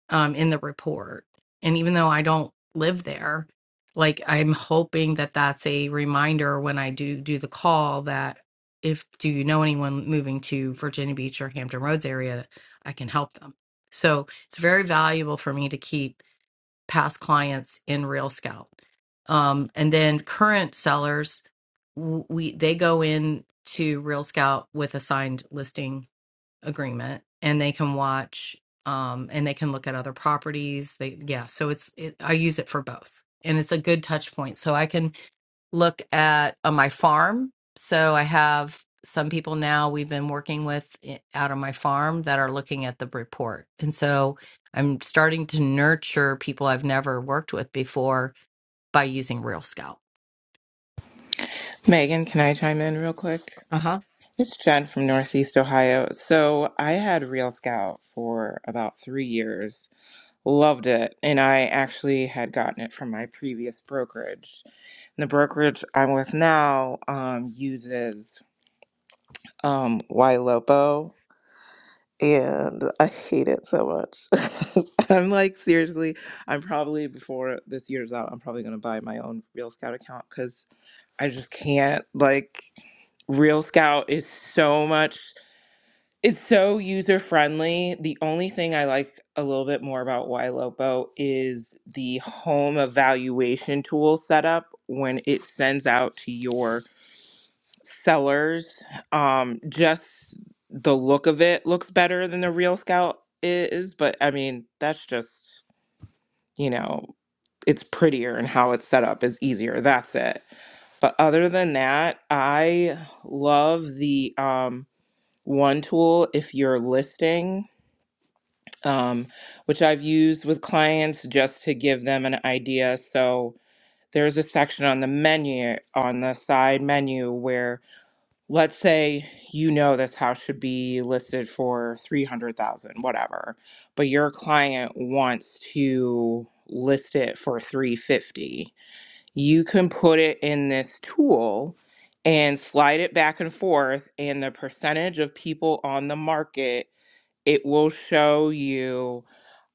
S3: um, in the report. And even though I don't live there, like I'm hoping that that's a reminder when I do do the call that if do you know anyone moving to Virginia Beach or Hampton Roads area, I can help them. So it's very valuable for me to keep past clients in Real Scout. Um, and then current sellers, w- we they go in to Real Scout with a signed listing agreement and they can watch um and they can look at other properties they yeah so it's it, i use it for both and it's a good touch point so i can look at uh, my farm so i have some people now we've been working with i- out of my farm that are looking at the report and so i'm starting to nurture people i've never worked with before by using real scout
S6: Megan, can I chime in real quick?
S3: Uh huh.
S6: It's Jen from Northeast Ohio. So I had Real Scout for about three years, loved it, and I actually had gotten it from my previous brokerage. And the brokerage I'm with now um, uses um, Ylopo, and I hate it so much. [laughs] I'm like, seriously, I'm probably before this year's out, I'm probably going to buy my own Real Scout account because I just can't. Like, Real Scout is so much, it's so user friendly. The only thing I like a little bit more about YLOBO is the home evaluation tool setup when it sends out to your sellers. Um, just the look of it looks better than the Real Scout is, but I mean, that's just, you know, it's prettier and how it's set up is easier. That's it but other than that, I love the um, one tool if you're listing, um, which I've used with clients just to give them an idea. So there's a section on the menu, on the side menu, where let's say you know this house should be listed for 300,000, whatever, but your client wants to list it for 350 you can put it in this tool and slide it back and forth and the percentage of people on the market it will show you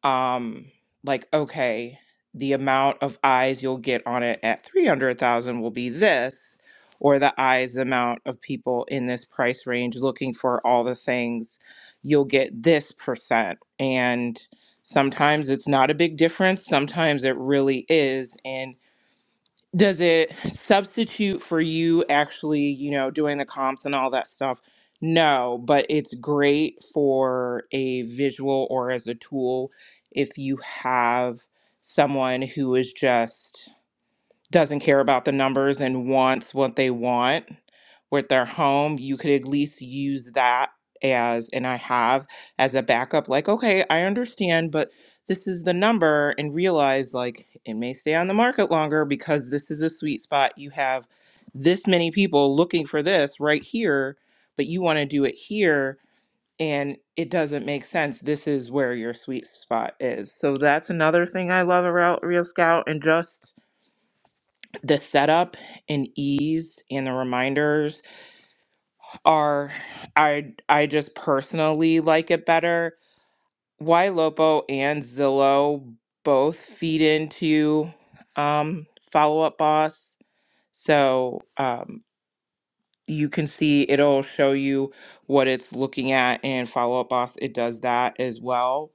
S6: um like okay the amount of eyes you'll get on it at 300,000 will be this or the eyes amount of people in this price range looking for all the things you'll get this percent and sometimes it's not a big difference sometimes it really is and does it substitute for you actually you know doing the comps and all that stuff no but it's great for a visual or as a tool if you have someone who is just doesn't care about the numbers and wants what they want with their home, you could at least use that as, and I have as a backup, like, okay, I understand, but this is the number, and realize like it may stay on the market longer because this is a sweet spot. You have this many people looking for this right here, but you want to do it here. And it doesn't make sense. This is where your sweet spot is. So that's another thing I love about Real Scout and just the setup and ease and the reminders are I I just personally like it better. Why Lopo and Zillow both feed into um follow up boss. So um you can see it'll show you what it's looking at and follow up boss it does that as well.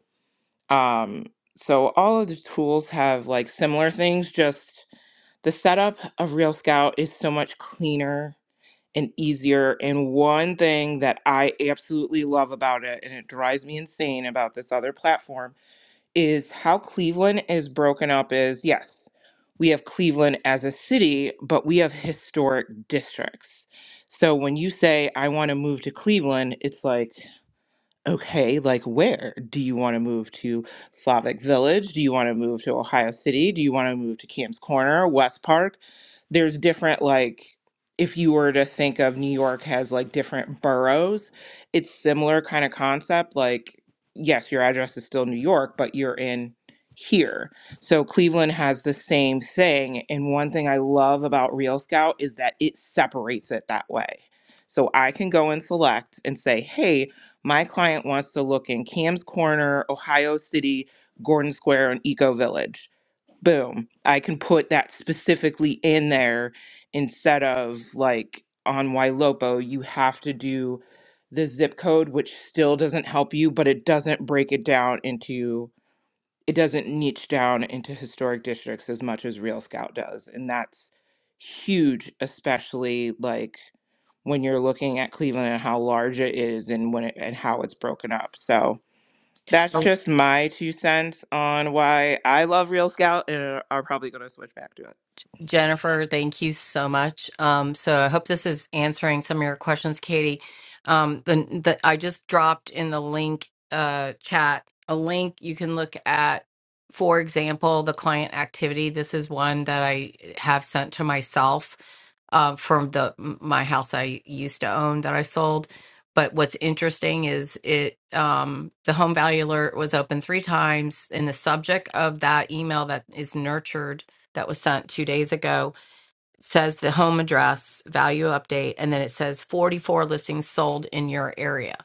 S6: Um so all of the tools have like similar things just the setup of Real Scout is so much cleaner and easier. And one thing that I absolutely love about it, and it drives me insane about this other platform, is how Cleveland is broken up is yes, we have Cleveland as a city, but we have historic districts. So when you say, I want to move to Cleveland, it's like, Okay, like where? Do you want to move to Slavic Village? Do you want to move to Ohio City? Do you want to move to Cam's Corner, West Park? There's different, like, if you were to think of New York has like different boroughs, it's similar kind of concept. Like, yes, your address is still New York, but you're in here. So Cleveland has the same thing. And one thing I love about Real Scout is that it separates it that way. So I can go and select and say, hey, my client wants to look in Cam's Corner, Ohio City, Gordon Square, and Eco Village. Boom. I can put that specifically in there instead of like on Wailopo, you have to do the zip code, which still doesn't help you, but it doesn't break it down into it doesn't niche down into historic districts as much as Real Scout does. And that's huge, especially like when you're looking at Cleveland and how large it is and when it, and how it's broken up. So that's just my two cents on why I love Real Scout and are are probably going to switch back to it.
S3: Jennifer, thank you so much. Um, so I hope this is answering some of your questions, Katie. Um, the, the I just dropped in the link uh, chat a link you can look at. For example, the client activity. This is one that I have sent to myself uh, from the my house I used to own that I sold. But what's interesting is it um, the home value alert was open three times, and the subject of that email that is nurtured that was sent two days ago says the home address value update, and then it says 44 listings sold in your area.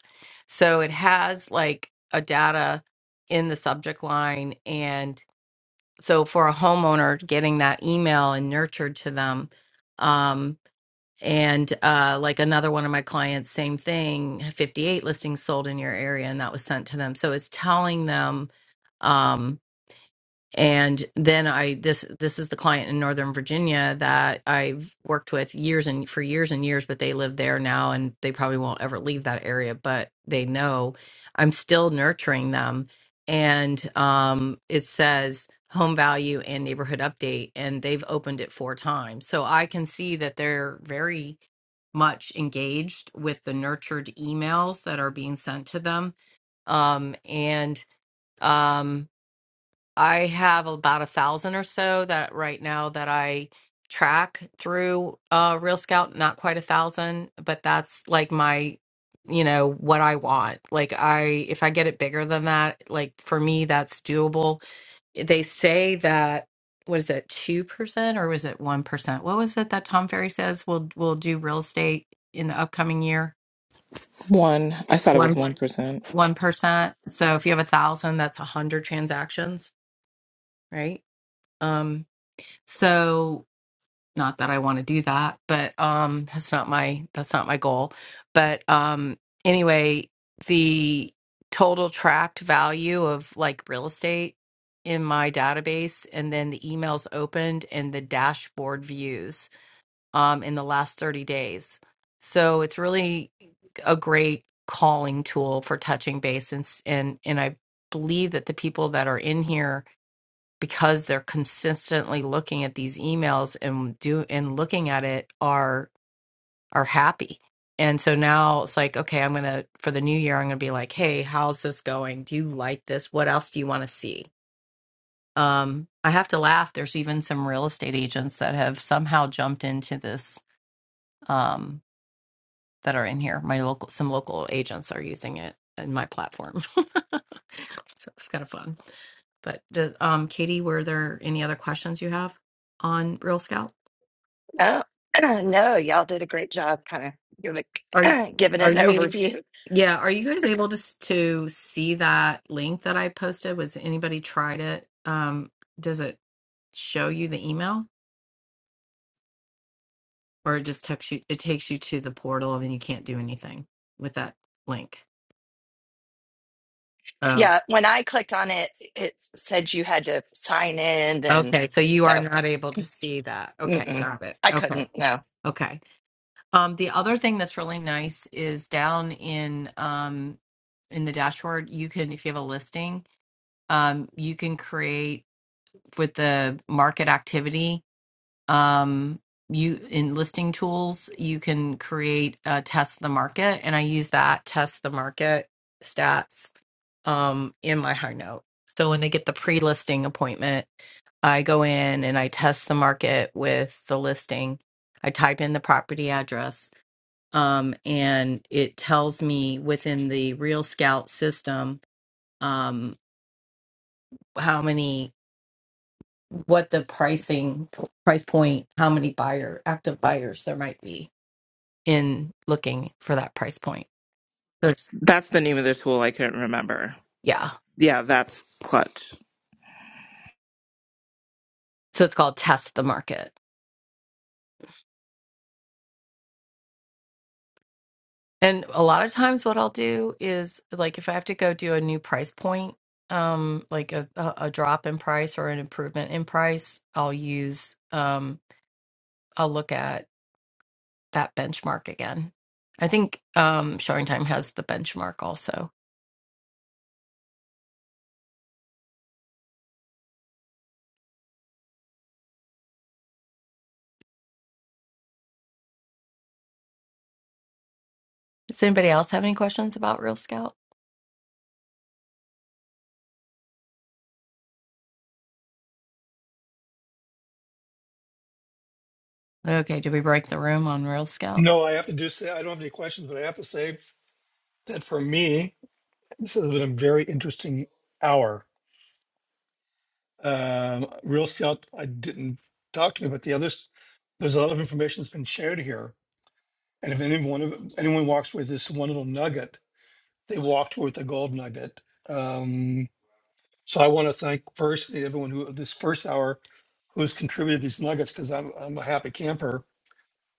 S3: So it has like a data in the subject line, and so for a homeowner getting that email and nurtured to them. Um, and uh, like another one of my clients, same thing, 58 listings sold in your area, and that was sent to them. So it's telling them. Um, and then i this this is the client in northern virginia that i've worked with years and for years and years but they live there now and they probably won't ever leave that area but they know i'm still nurturing them and um it says home value and neighborhood update and they've opened it four times so i can see that they're very much engaged with the nurtured emails that are being sent to them um and um, I have about a thousand or so that right now that I track through uh Real Scout, not quite a thousand, but that's like my you know what I want. Like I if I get it bigger than that, like for me that's doable. They say that was it 2% or was it 1%? What was it that Tom Ferry says we will we will do real estate in the upcoming year?
S6: One, I thought it was
S3: 1
S6: 1%.
S3: 1%. So if you have a thousand, that's a hundred transactions, right? Um So not that I want to do that, but um that's not my that's not my goal. But um anyway, the total tracked value of like real estate in my database and then the emails opened and the dashboard views um in the last 30 days. So it's really a great calling tool for touching base and s- and, and I believe that the people that are in here because they're consistently looking at these emails and do and looking at it are are happy. And so now it's like, okay, I'm gonna for the new year, I'm gonna be like, hey, how's this going? Do you like this? What else do you want to see? Um, I have to laugh. There's even some real estate agents that have somehow jumped into this. Um, that are in here. My local, some local agents are using it in my platform. [laughs] so it's kind of fun. But the, um, Katie, were there any other questions you have on Real Scout?
S5: No, [clears throat] no, y'all did a great job kind of giving,
S3: Are you,
S5: [clears throat] giving
S3: are
S5: it an
S3: you,
S5: overview.
S3: yeah, are you guys able to s- to see that link that I posted? Was anybody tried it? Um, does it show you the email or it just takes you, it takes you to the portal and you can't do anything with that link? Oh.
S5: Yeah, when I clicked on it, it said you had to sign in. And
S3: Okay, so you are
S5: so
S3: not able to see that. Okay,
S5: mm-mm,
S3: got it.
S5: I
S3: Okay,
S5: couldn't, no.
S3: okay. Um, the other thing that's really nice is down in um in the dashboard, you can if you have a listing, um, you can create with the market activity um you in listing tools you can create a test the market and i use that test the market stats um in my high note so when they get the pre-listing appointment I go in and I test the market with the listing. I type in the property address, um, and it tells me within the Real Scout system um, how many, what the pricing price point, how many buyer active buyers there might be in looking for that price point. That's
S6: That's the name of the tool. I couldn't remember.
S3: yeah.
S6: Yeah, that's clutch.
S3: So it's called test the market. And a lot of times what I'll do is like if I have to go do a new price point, um, like a, a, a drop in price or an improvement in price, I'll use um I'll look at that benchmark again. I think um Showing Time has the benchmark also. Does anybody else have any questions about Real Scout? Okay, did we break the room on Real Scout?
S1: No, I have to do say I don't have any questions, but I have to say that for me, This has been a very interesting hour. Um, Real Scout, I didn't talk to me, but the others, there's a lot of information that's been shared here. And if anyone of anyone walks with this one little nugget, they walked with a gold nugget. Um, so I want to thank first everyone who this first hour who's contributed these nuggets because I'm I'm a happy camper.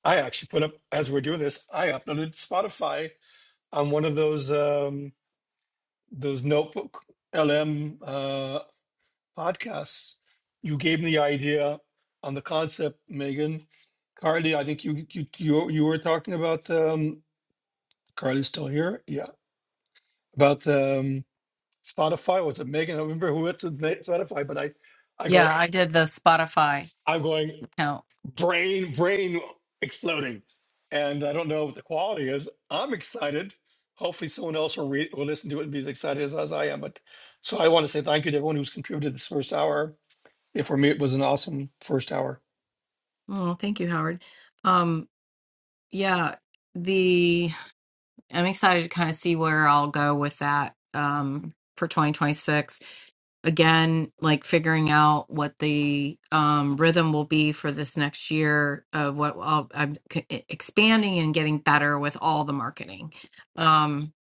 S1: I actually put up as we're doing this, I uploaded Spotify on one of those um, those notebook LM. Uh, podcasts. You gave me the idea on the concept, Megan. Carly, I think you you you, you were talking about um Carly's still here. Yeah. About um Spotify. Was it Megan? I don't remember who went to make Spotify, but I I go
S3: Yeah, I did the Spotify
S1: I'm going
S3: account.
S1: brain, brain exploding. And I don't know what the quality is. I'm excited. Hopefully someone else will read will listen to it and be as excited as, as I am. But so I want to say thank you to everyone who's contributed this first hour. Yeah, for me it was an awesome first hour.
S3: Oh, thank you, Howard. Um, yeah, the I'm excited to kind of see where I'll go with that um, for 2026. Again, like figuring out what the um, rhythm will be for this next year of what I'll, I'm c- e, expanding and getting better with all the marketing. Um,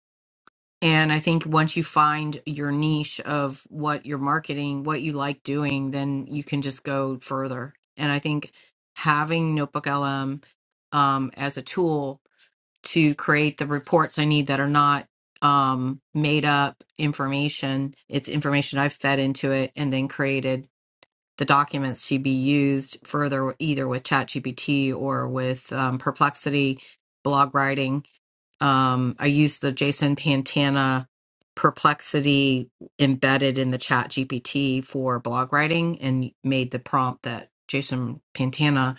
S3: and I think once you find your niche of what you're marketing, what you like doing, then you can just go further. And I think having Notebook LM um, as a tool to create the reports I need that are not um, made up information. It's information I've fed into it and then created the documents to be used further either with ChatGPT or with um, Perplexity blog writing. Um, I use the Jason Pantana perplexity embedded in the ChatGPT for blog writing and made the prompt that jason pantana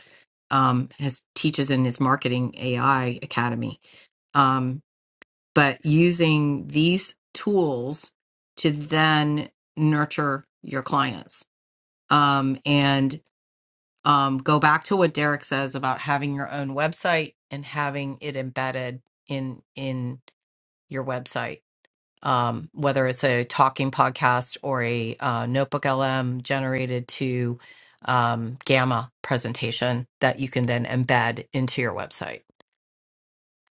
S3: um, has teaches in his marketing ai academy Um, but using these tools to then nurture your clients um, and um, go back to what derek says about having your own website and having it embedded in in your website um, whether it's a talking podcast or a uh, notebook lm generated to um, gamma presentation that you can then embed into your website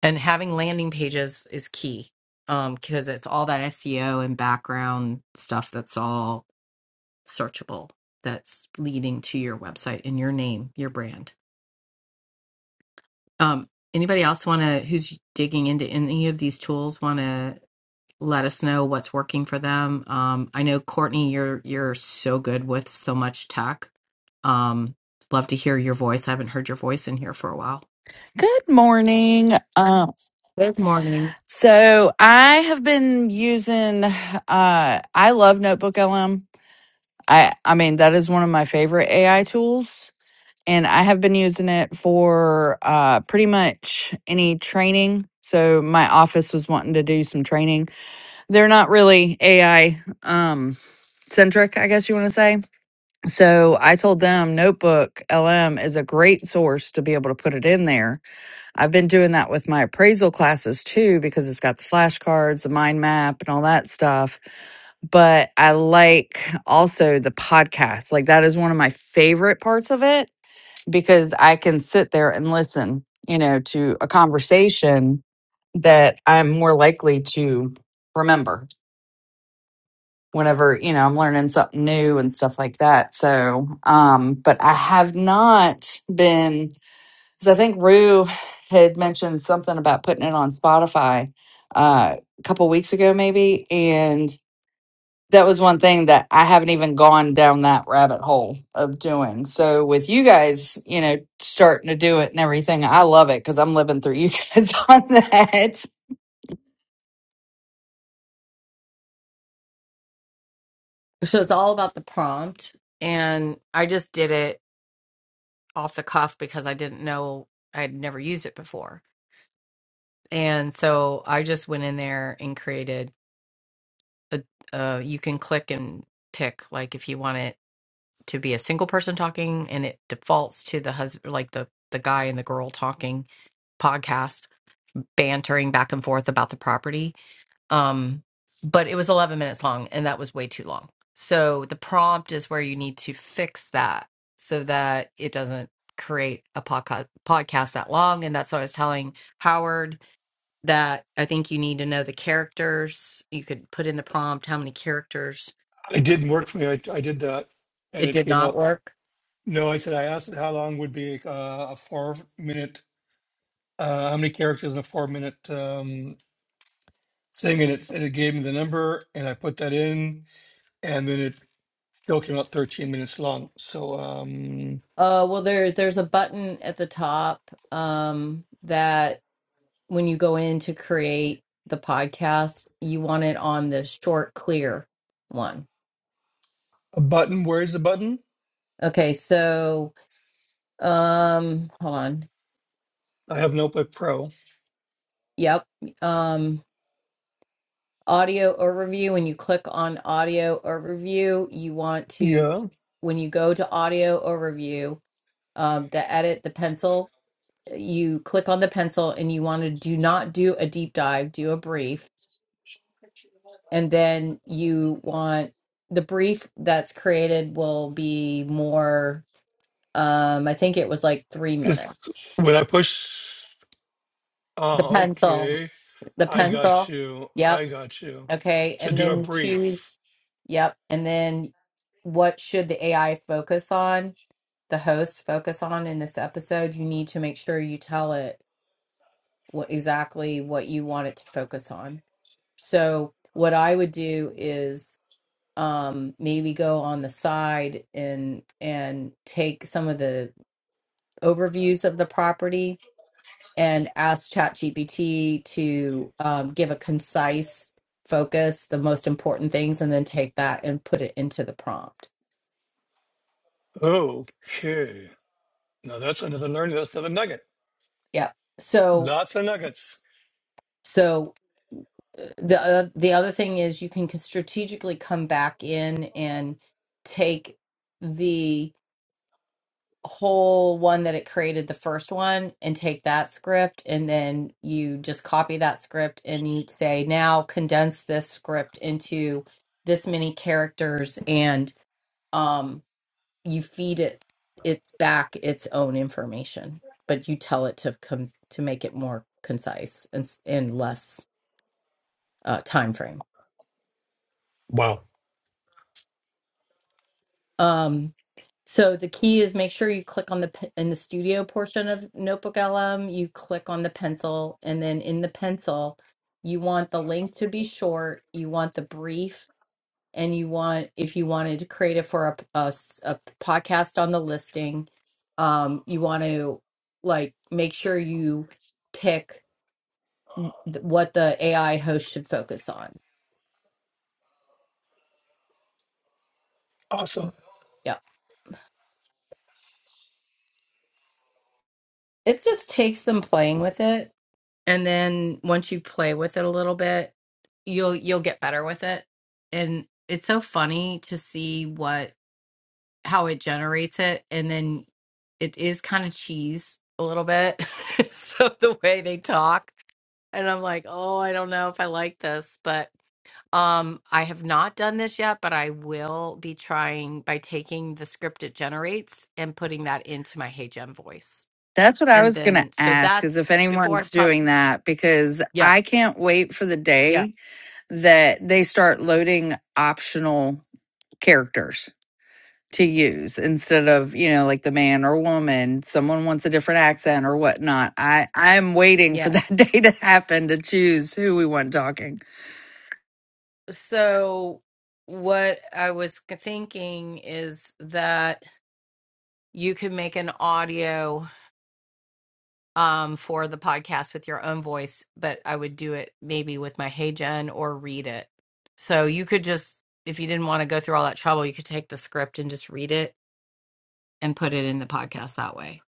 S3: and having landing pages is key um because it's all that SEO and background stuff that's all searchable that's leading to your website and your name your brand um anybody else want to who's digging into any of these tools want to let us know what's working for them um I know Courtney you're you're so good with so much tech um love to hear your voice I haven't heard your voice in here for a while
S7: Good morning. Um,
S3: Good morning
S7: so I have been using. Uh, I love Notebook LM. I I mean that is one of my favorite AI tools, and I have been using it for uh, pretty much any training. So my office was wanting to do some training. They're not really AI um, centric, I guess you want to say. So I told them Notebook LM is a great source to be able to put it in there I've been doing that with my appraisal classes too because it's got the flashcards, the mind map, and all that stuff. But I like also the podcast. Like that is one of my favorite parts of it because I can sit there and listen, you know, to a conversation that I'm more likely to remember whenever, you know, I'm learning something new and stuff like that. So, um, but I have not been because I think Rue had mentioned something about putting it on Spotify uh, a couple weeks ago, maybe. And that was one thing that I haven't even gone down that rabbit hole of doing. So with you guys, you know, starting to do it and everything, I love it because I'm living through you [laughs] guys on that.
S3: so it's all about the prompt and I just did it off the cuff because I didn't know I'd never used it before. And so I just went in there and created a uh you can click and pick like if you want it to be a single person talking and it defaults to the husband like the the guy and the girl talking podcast bantering back and forth about the property um but it was 11 minutes long and that was way too long so the prompt is where you need to fix that so that it doesn't create a podca- podcast that long and that's what i was telling howard that i think you need to know the characters you could put in the prompt how many characters
S1: It didn't work for me. I, I did that, and
S3: it
S1: it
S3: did
S1: came
S3: not
S1: out.
S3: work
S1: No, I said I asked it how long would be uh, a four minute, uh, how many characters in a four minute um, thing, and it and it gave me the number, and I put that in, and then it still came out 13 minutes long. So um,
S3: uh well there there's a button at the top um that when you go in to create the podcast you want it on the short clear one
S1: a button. Where is the button?
S3: Okay, so um hold on.
S1: I have Notepad Pro.
S3: Yep. Um audio overview when you click on audio overview, you want to
S1: Yeah,
S3: when you go to audio overview, um the edit the pencil, you click on the pencil and you want to do not do a deep dive, do a brief and then you want the brief that's created will be more um I think it was like 3
S1: just
S3: minutes.
S1: when I push.
S3: The
S1: Oh,
S3: pencil,
S1: okay.
S3: the
S1: I got
S3: pencil.
S1: you.
S3: Yep
S1: I got you.
S3: Okay,
S1: To
S3: and
S1: do a
S3: then
S1: brief.
S3: choose, yep, and then what should the AI focus on? The hosts focus on in this episode? You need to make sure you tell it what exactly what you want it to focus on. So what I would do is um maybe go on the side and and take some of the overviews of the property and ask ChatGPT to um, give a concise focus, the most important things, and then take that and put it into the prompt.
S1: Okay. No, that's another learning. That's another nugget.
S3: Yeah. So,
S1: Lots of nuggets.
S3: so uh, the uh, the other thing is you can strategically come back in and take the whole one that it created the first one and take that script and then you just copy that script and you say now condense this script into this many characters and um you feed it its back its own information but you tell it to come to make it more concise and s- and less uh time frame
S1: Wow.
S3: um so the key is make sure you click on the pe- in the studio portion of notebook lm you click on the pencil and then in the pencil you want the link to be short you want the brief and you want if you wanted to create it for a, p- a s- a podcast on the listing um you want to like make sure you pick th- what the ai host should focus on
S1: Awesome.
S3: yeah it just takes some playing with it and then once you play with it a little bit you'll you'll get better with it and it's so funny to see what how it generates it and then it is kind of cheese a little bit [laughs] so the way they talk and I'm like, oh, I don't know if I like this, but um, I have not done this yet, but I will be trying by taking the script it generates and putting that into my Hey Gem voice,
S7: That's what I
S3: and
S7: was going to
S3: then so
S7: ask is
S3: that's
S7: if
S3: before I
S7: anyone's
S3: pop.
S7: doing that because
S3: Yeah,
S7: I can't wait for the
S3: yeah,
S7: day that they start loading optional characters. to use instead of you know like the man or woman someone wants a different accent or whatnot i i'm waiting for
S3: yeah.
S7: that [laughs] day to happen to choose who we want talking
S3: So what I was thinking is that you can make an audio. um for the podcast with your own voice, but I would do it maybe with my Hey Jen or read it. So you could just if you didn't want to go through all that trouble, you could take the script and just read it and put it in the podcast that way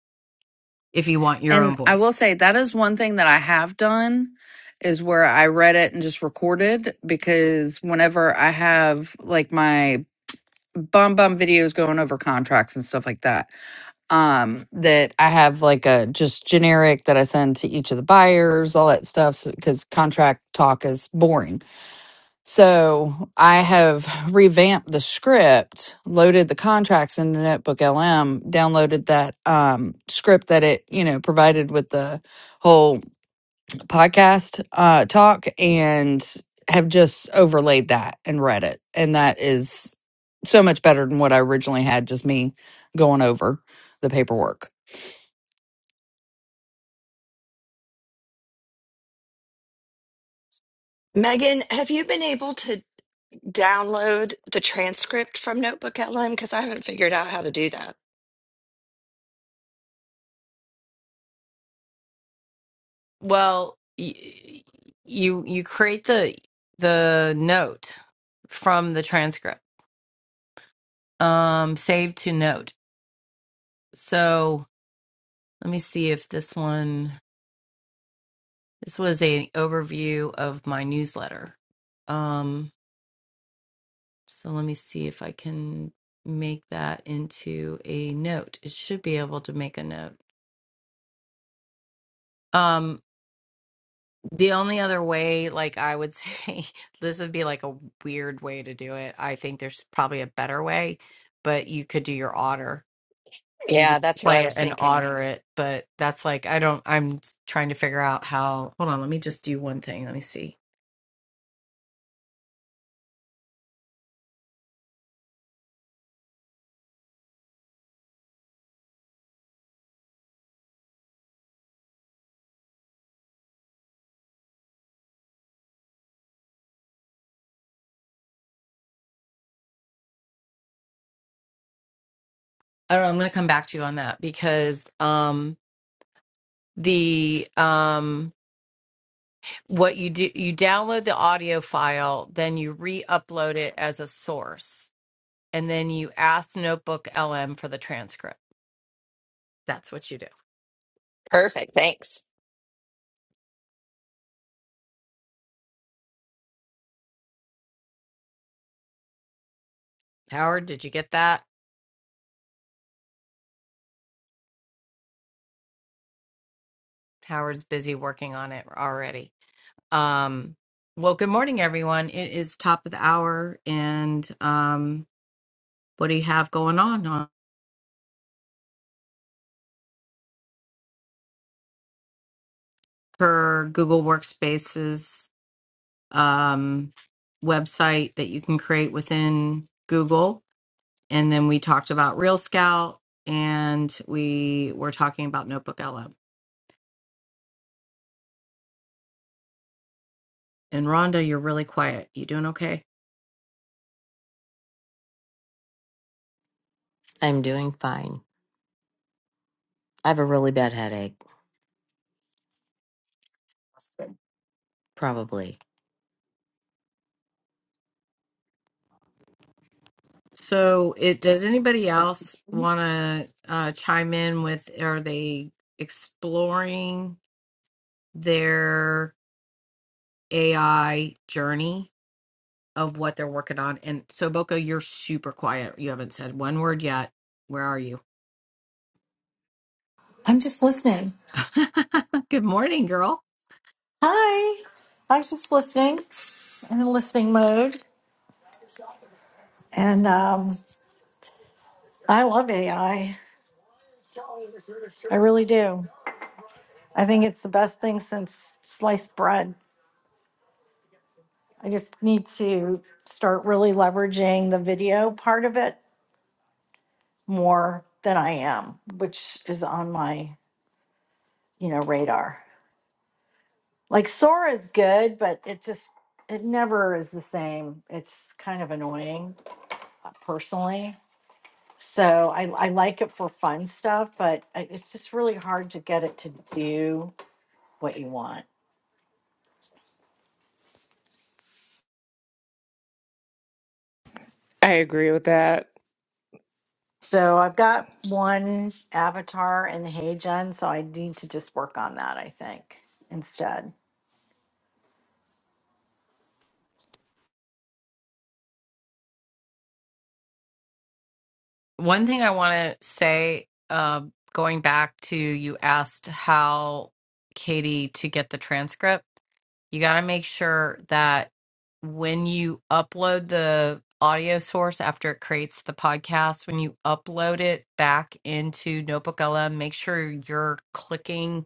S3: if you want your own
S7: and i will
S3: voice.
S7: say that is one thing that i have done is where i read it and just recorded because whenever i have like my bum bum videos going over contracts and stuff like that um that i have like a just generic that i send to each of the buyers all that stuff because contract talk is boring So I have revamped the script, loaded the contracts into Notebook LM, downloaded that um, script that it, you know, provided with the whole podcast uh, talk and have just overlaid that and read it. And that is so much better than what I originally had, just me going over the paperwork.
S5: Megan, have you been able to download the transcript from Notebook LM? Because I haven't figured out how to do that.
S3: Well, y- you you create the the note from the transcript. Um save to note. So, let me see if this one this was an overview of my newsletter. Um So let me see if I can make that into a note. It should be able to make a note. Um, the only other way, like I would say, [laughs] this would be like a weird way to do it. I think there's probably a better way, but you could do your otter. You
S5: Yeah,
S3: just
S5: that's what I
S3: play it
S5: was
S3: and
S5: thinking.
S3: otter it, but that's like I don't. I'm trying to figure out how. Hold on, let me just do one thing. Let me see. I don't know. I'm gonna come back to you on that because um the um what you do you download the audio file then you re-upload it as a source and then you ask notebook lm for the transcript that's what you do
S5: Perfect. Thanks.
S3: howard did you get that howard's busy working on it already um well good morning everyone it is top of the hour and um what do you have going on on for google workspaces um website that you can create within google And then we talked about Real Scout and we were talking about Notebook LM. And Rhonda, you're really quiet. You doing okay?
S2: I'm doing fine. I have a really bad headache, probably.
S3: So, it does anybody else want to uh, chime in with? Are they exploring their AI journey of what they're working on? And so, Boko, you're super quiet. You haven't said one word yet. Where are you?
S8: I'm just listening.
S3: [laughs] Good morning, girl.
S8: Hi. I'm just listening. I'm in listening mode. And um, I love AI. I I really do. I think it's the best thing since sliced bread. I just need to start really leveraging the video part of it more than I am, which is on my, you know, radar. Like Sora is good, but it just it never is the same. It's kind of annoying uh, personally. So I, I like it for fun stuff, but I- it's just really hard to get it to do what you want.
S6: I agree with that.
S8: So I've got one avatar in HeyGen, so I need to just work on that, I think, instead.
S3: One thing I want to say, uh, going back to you asked how Katie to get the transcript, you got to make sure that when you upload the audio source after it creates the podcast, when you upload it back into Notebook LM, make sure you're clicking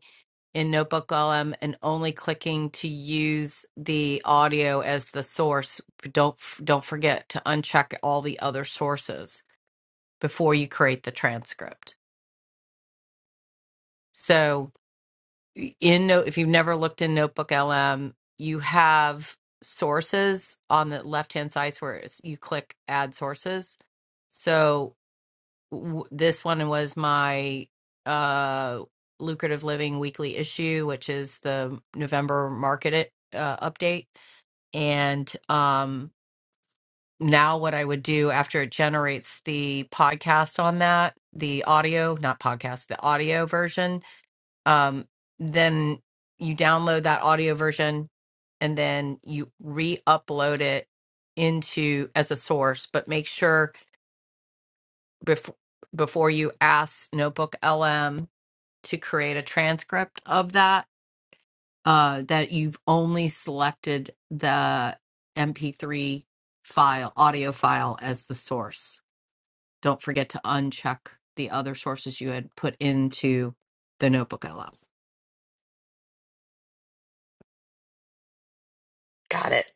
S3: in Notebook LM and only clicking to use the audio as the source. Don't don't forget to uncheck all the other sources before you create the transcript. So in note if you've never looked in Notebook LM, you have sources on the left-hand side where it's- you click add sources. So w- this one was my uh lucrative living weekly issue, which is the November market it, uh, update and um now what I would do after it generates the podcast on that, the audio, not podcast, the audio version, um, then you download that audio version and then you re-upload it into as a source but make sure before before you ask notebook lm to create a transcript of that uh, that you've only selected the mp3 file audio file as the source don't forget to uncheck the other sources you had put into the notebook out.
S5: Got it.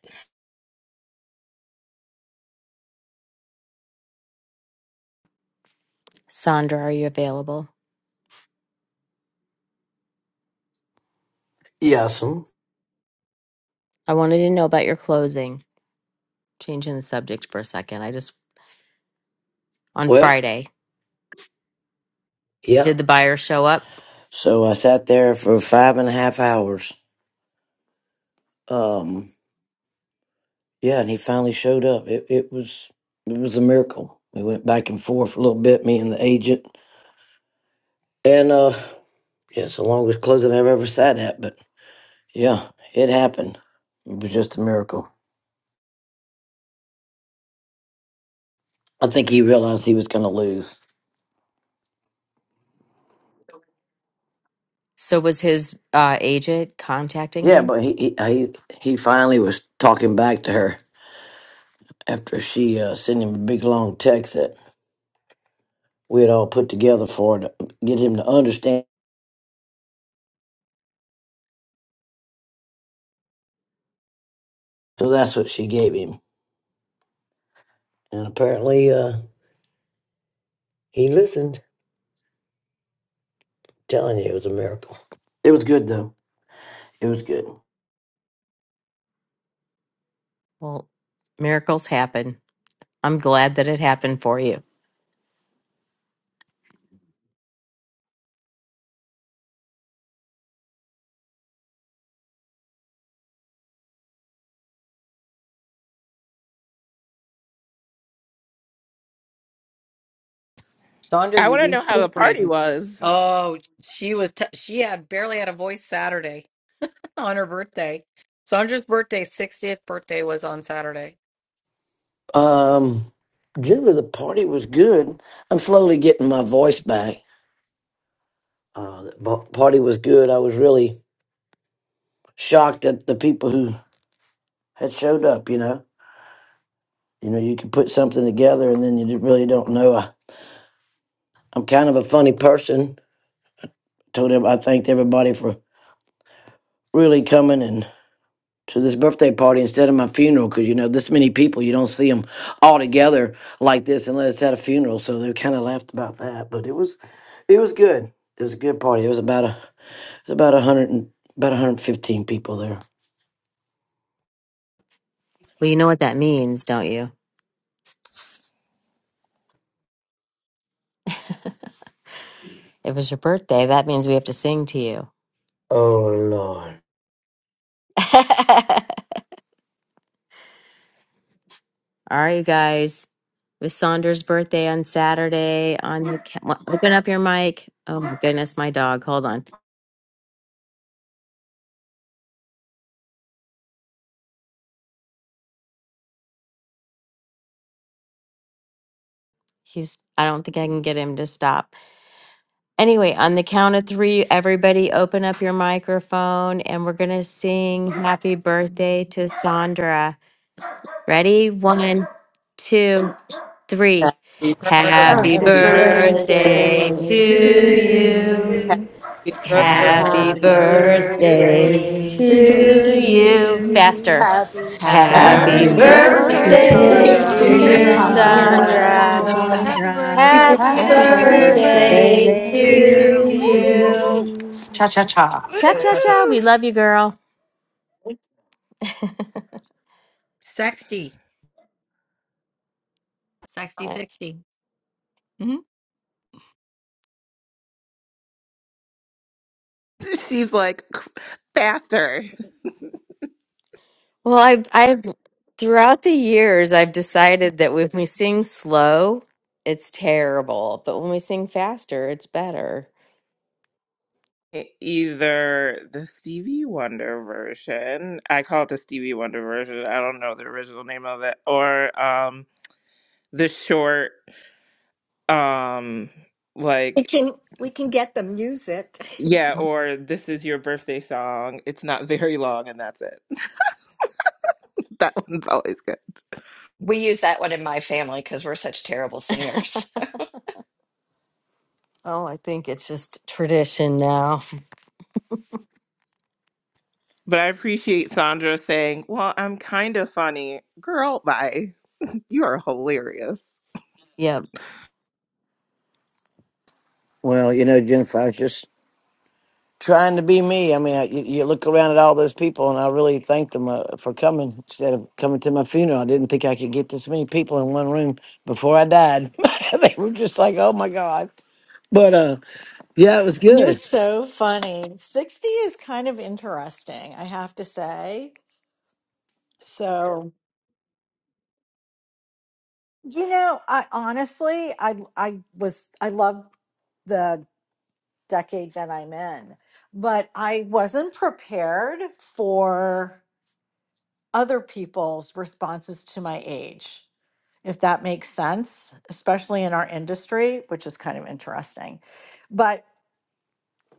S2: Sandra, are you available?
S9: Yes'm.
S2: I wanted to know about your closing. changing the subject for a second. I just on
S9: Well,
S2: Friday,
S9: yeah.
S2: did the buyer show up?
S9: So I sat there for five and a half hours. Um, yeah, and he finally showed up. It it was it was a miracle. We went back and forth a little bit, me and the agent. And uh yeah, it's the longest closing I've ever sat at, but yeah, it happened. It was just a miracle. I think he realized he was gonna lose.
S2: So was his uh, agent contacting
S9: Yeah,
S2: him?
S9: but he he he, he finally was talking back to her after she uh, sent him a big long text that we had all put together for her to get him to understand So that's what she gave him. And apparently uh, he listened. telling you, it was a miracle. It was good, though. It was good.
S2: Well, miracles happen. I'm glad that it happened for you.
S3: Sandra,
S6: I
S3: you're
S6: want to know how the party
S3: recuperating.
S6: was.
S3: Oh, she was t- she had barely had a voice Saturday [laughs] on her birthday. Sandra's birthday, 60th birthday was on Saturday.
S9: Um, generally, the party was good. I'm slowly getting my voice back. Uh, the bo- party was good. I was really shocked at the people who had showed up, you know. You know, you can put something together and then you really don't know. I, I'm kind of a funny person. Told him I thanked everybody for really coming and. to this birthday party instead of my funeral because you know this many people you don't see them all together like this unless it's at a funeral so they kind of laughed about that but it was it was good it was a good party it was about a it was about a hundred and about a 115 people there
S2: Well, you know what that means, don't you? It was your birthday. That means we have to sing to you.
S9: oh lord
S2: [laughs] All right, you guys. It was Saunders' birthday on Saturday. On the ca- what- open up your mic. Oh my goodness, my dog. Hold on. He's. I don't think I can get him to stop. Anyway, on the count of three, everybody open up your microphone and we're going to sing happy birthday to Sandra. Ready? One, two, three.
S10: Happy
S2: Happy
S10: birthday
S7: Happy
S3: Happy
S11: Happy
S6: Happy
S12: Happy
S13: Happy
S6: birthday
S13: birthday
S11: birthday
S2: birthday
S14: Birthday
S3: birthday
S2: to
S12: birthday
S11: to
S7: birthday
S14: to
S12: to
S13: to
S10: to
S3: to
S7: to
S6: to
S15: to
S11: you.
S2: you.
S15: you.
S6: you.
S13: you.
S14: you.
S12: you.
S10: happy birthday
S16: Um,
S11: Happy
S15: Happy
S6: Happy
S3: Happy
S2: Happy
S12: Happy
S13: Happy
S14: Happy
S15: birthday
S10: to
S6: birthday.
S11: birthday
S14: birthday
S2: birthday
S3: birthday
S12: birthday
S13: birthday
S15: to
S12: to
S14: to
S13: to
S3: to
S2: to
S11: to
S14: you.
S11: you.
S3: you.
S15: you.
S2: you.
S12: you.
S17: to
S7: you.
S2: Faster.
S13: you.
S10: happy
S15: Happy
S3: Happy
S12: Happy
S13: Happy
S2: Happy
S7: Happy
S6: Happy
S14: Happy
S11: Happy
S18: Happy
S17: happy
S15: birthday,
S10: birthday,
S3: birthday, dear
S19: Happy
S10: dear
S18: birthday
S17: birthday.
S14: birthday,
S18: to
S12: birthday,
S7: birthday,
S11: birthday,
S6: birthday.
S2: birthday,
S13: birthday,
S6: [laughs]
S3: Sandra.
S12: dear
S6: dear.
S18: you.
S15: dear [laughs]
S7: dear
S2: dear
S19: birthday,
S11: dear
S14: dear
S13: dear
S10: Sandra.
S15: Sonia.
S19: dear
S12: Sandra.
S2: Sandra.
S13: Sandra.
S14: Sarah.
S7: Sandra.
S11: Sandra.
S3: Happy
S10: Happy
S19: Sandra.
S3: birthday
S18: Happy
S3: to
S2: Happy
S13: [laughs]
S12: Happy
S15: Happy
S7: Happy
S13: Happy
S10: birthday
S14: Happy
S3: you.
S19: Happy
S15: birthday
S10: to
S15: to you.
S11: Birthday
S2: birthday
S12: birthday
S7: birthday
S18: birthday
S13: birthday
S12: to
S10: you.
S14: birthday
S19: birthday to
S11: to
S18: to
S7: to
S13: to
S2: to
S14: to
S10: Woo, woo, woo,
S18: you.
S14: you.
S12: you.
S11: you.
S19: you.
S2: you.
S10: woo.
S7: you.
S13: you.
S7: Cha cha cha.
S2: Cha
S3: Cha
S2: cha
S3: cha cha.
S2: cha.
S5: Woo!
S2: We love you, girl.
S3: 60. 60, sixty. hmm
S6: She's like faster.
S2: Well, I've, I've throughout the years, I've decided that when we sing slow, it's terrible, but when we sing faster, it's better.
S6: Either the Stevie Wonder version, I call it the Stevie Wonder version. I don't know the original name of it, or um the short um
S17: We
S6: like
S17: can we can get the music. [laughs]
S6: Yeah, or this is your birthday song. It's not very long and that's it. [laughs] That one's always good.
S5: We use that one in my family because we're such terrible
S2: [laughs]
S5: singers.
S2: oh, I think it's just tradition now.
S6: But I appreciate Sandra saying, Well, I'm kind of funny. Girl, bye. [laughs] You are hilarious.
S2: Yep.
S9: well you know jennifer i was just trying to be me i mean I, you, you look around at all those people and i really thanked them uh, for coming instead of coming to my funeral i didn't think i could get this many people in one room before i died [laughs] they were just like oh my god but uh Yeah, it was
S8: You're
S9: good.
S8: so funny. 60 is kind of interesting, I have to say. So, You know, I honestly, I I was I love the decade that I'm in, but I wasn't prepared for. other people's responses to my age, if that makes sense, especially in our industry, which is kind of interesting. But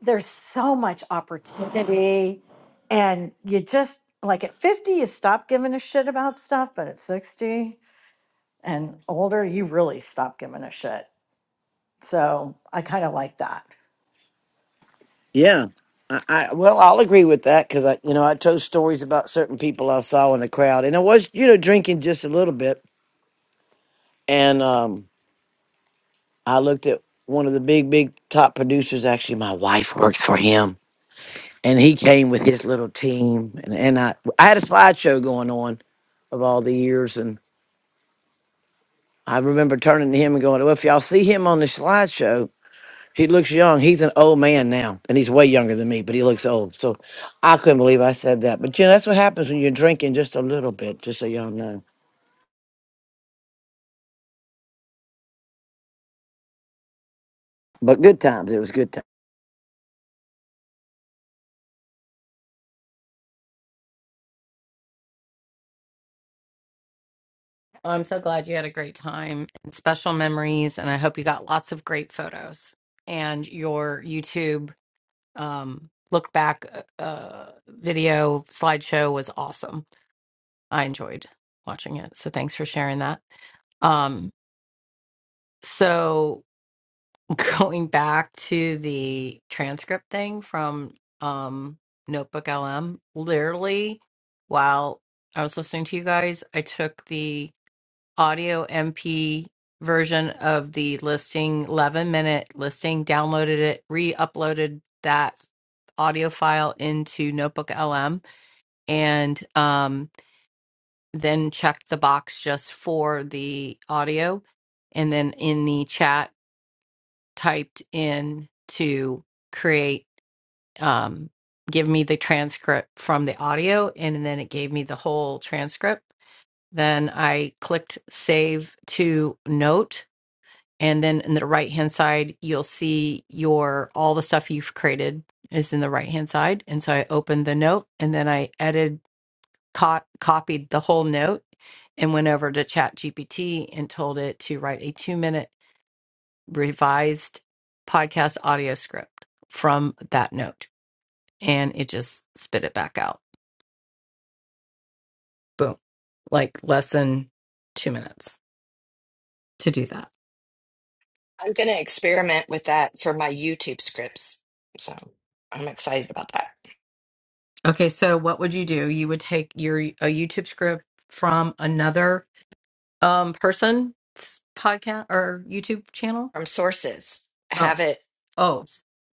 S8: there's so much opportunity, and you just like at 50, you stop giving a shit about stuff, but at 60 and older, you really stop giving a shit. So I kind of like that.
S9: Yeah. I, I well, I'll agree with that because I, you know, I told stories about certain people I saw in the crowd, and I was, you know, drinking just a little bit, and um, I looked at one of the big, big top producers. Actually, my wife works for him, and he came with his little team, and and I, I had a slideshow going on of all the years, and I remember turning to him and going, "Well, if y'all see him on the slideshow." He looks young. He's an old man now, and he's way younger than me, but he looks old. So I couldn't believe I said that. But you know, that's what happens when you're drinking just a little bit, just so y'all know. But good times. It was good times.
S3: I'm so glad you had a great time and special memories. And I hope you got lots of great photos. And your YouTube um, look back uh, uh, video slideshow was awesome. I enjoyed watching it. So thanks for sharing that. Um, so. going back to the transcript thing from um Notebook LM, literally while I was listening to you guys, I took the audio MP version of the listing 11 minute listing, downloaded it, re-uploaded that audio file into Notebook LM and um then checked the box just for the audio and then in the chat typed in to create um give me the transcript from the audio and then it gave me the whole transcript then i clicked save to note and then in the right hand side you'll see your all the stuff you've created is in the right hand side and so i opened the note and then i edited co- copied the whole note and went over to chat gpt and told it to write a two minute revised podcast audio script from that note and it just spit it back out. Boom. Like less than two minutes to do that.
S5: I'm going to experiment with that for my YouTube scripts. So I'm excited about that.
S3: Okay, so what would you do? You would take your a YouTube script from another um person's podcast or YouTube channel?
S5: From sources,
S3: Oh,
S5: have it,
S3: oh,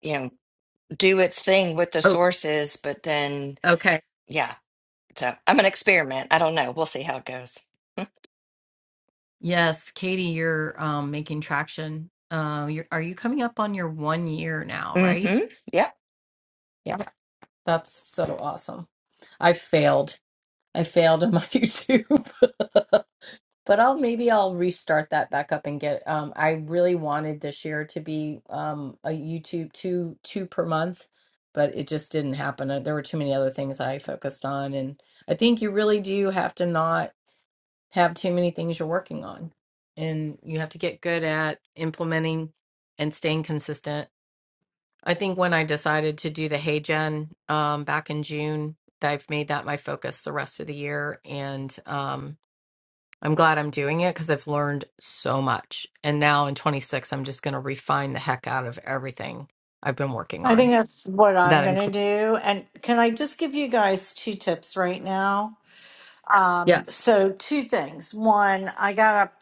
S5: you know, do its thing with the
S3: oh,
S5: sources, but then,
S3: okay.
S5: yeah. So I'm going to experiment. I don't know. We'll see how it goes. [laughs]
S3: Yes, Katie, you're um making traction. Uh, you're, are you coming up on your one year now,
S5: Mm
S3: right?
S5: hmm. Yep.
S3: That's so awesome. I failed. I failed on my [laughs] YouTube. But I'll maybe I'll restart that back up and get um I really wanted this year to be um a YouTube two two per month, but it just didn't happen. Uh, There were too many other things I focused on and I think you really do have to not have too many things you're working on. And you have to get good at implementing and staying consistent I think when I decided to do the Hey Gen um, back in June, I've made that my focus the rest of the year. And um, I'm glad I'm doing it because I've learned so much. And now in 26, I'm just going to refine the heck out of everything I've been working
S8: I
S3: on.
S8: think that's what I'm
S3: That
S8: going to
S3: includes.
S8: do. And can I just give you guys two tips right now? Um,
S3: Yes,
S8: so, two things. One, I got up.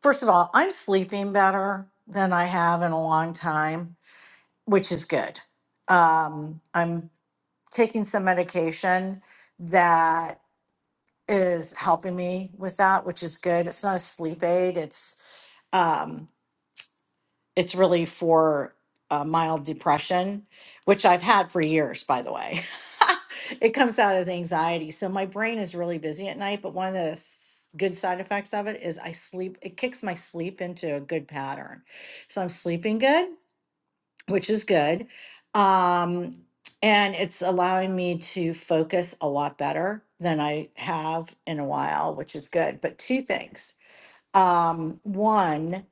S8: First of all, I'm sleeping better than I have in a long time, which is good. Um, I'm taking some medication that is helping me with that, which is good. It's not a sleep aid, it's um, it's really for uh, mild depression, which I've had for years, by the way. [laughs] it comes out as anxiety. So my brain is really busy at night, but one of the s- good side effects of it is I sleep, it kicks my sleep into a good pattern. So I'm sleeping good, which is good. Um, and it's allowing me to focus a lot better than I have in a while, which is good. But two things. Um, one,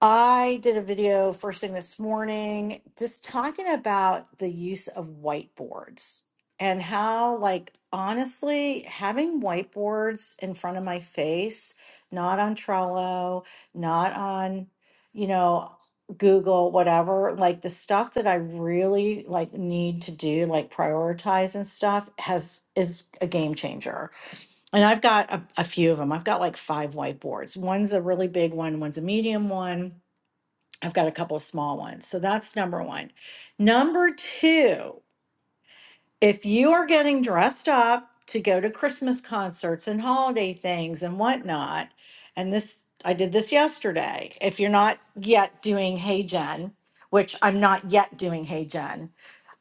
S8: I did a video first thing this morning just talking about the use of whiteboards and how, like, honestly, having whiteboards in front of my face, not on Trello, not on, you know, Google, whatever, like the stuff that I really like need to do, like prioritize and stuff has is a game changer. And I've got a, a few of them. I've got like five whiteboards. One's a really big one, one's a medium one I've got a couple of small ones. So that's number one. Number two, if you are getting dressed up to go to Christmas concerts and holiday things and whatnot, and this, I did this yesterday. If you're not yet doing Hey Jen, which I'm not yet doing Hey Jen,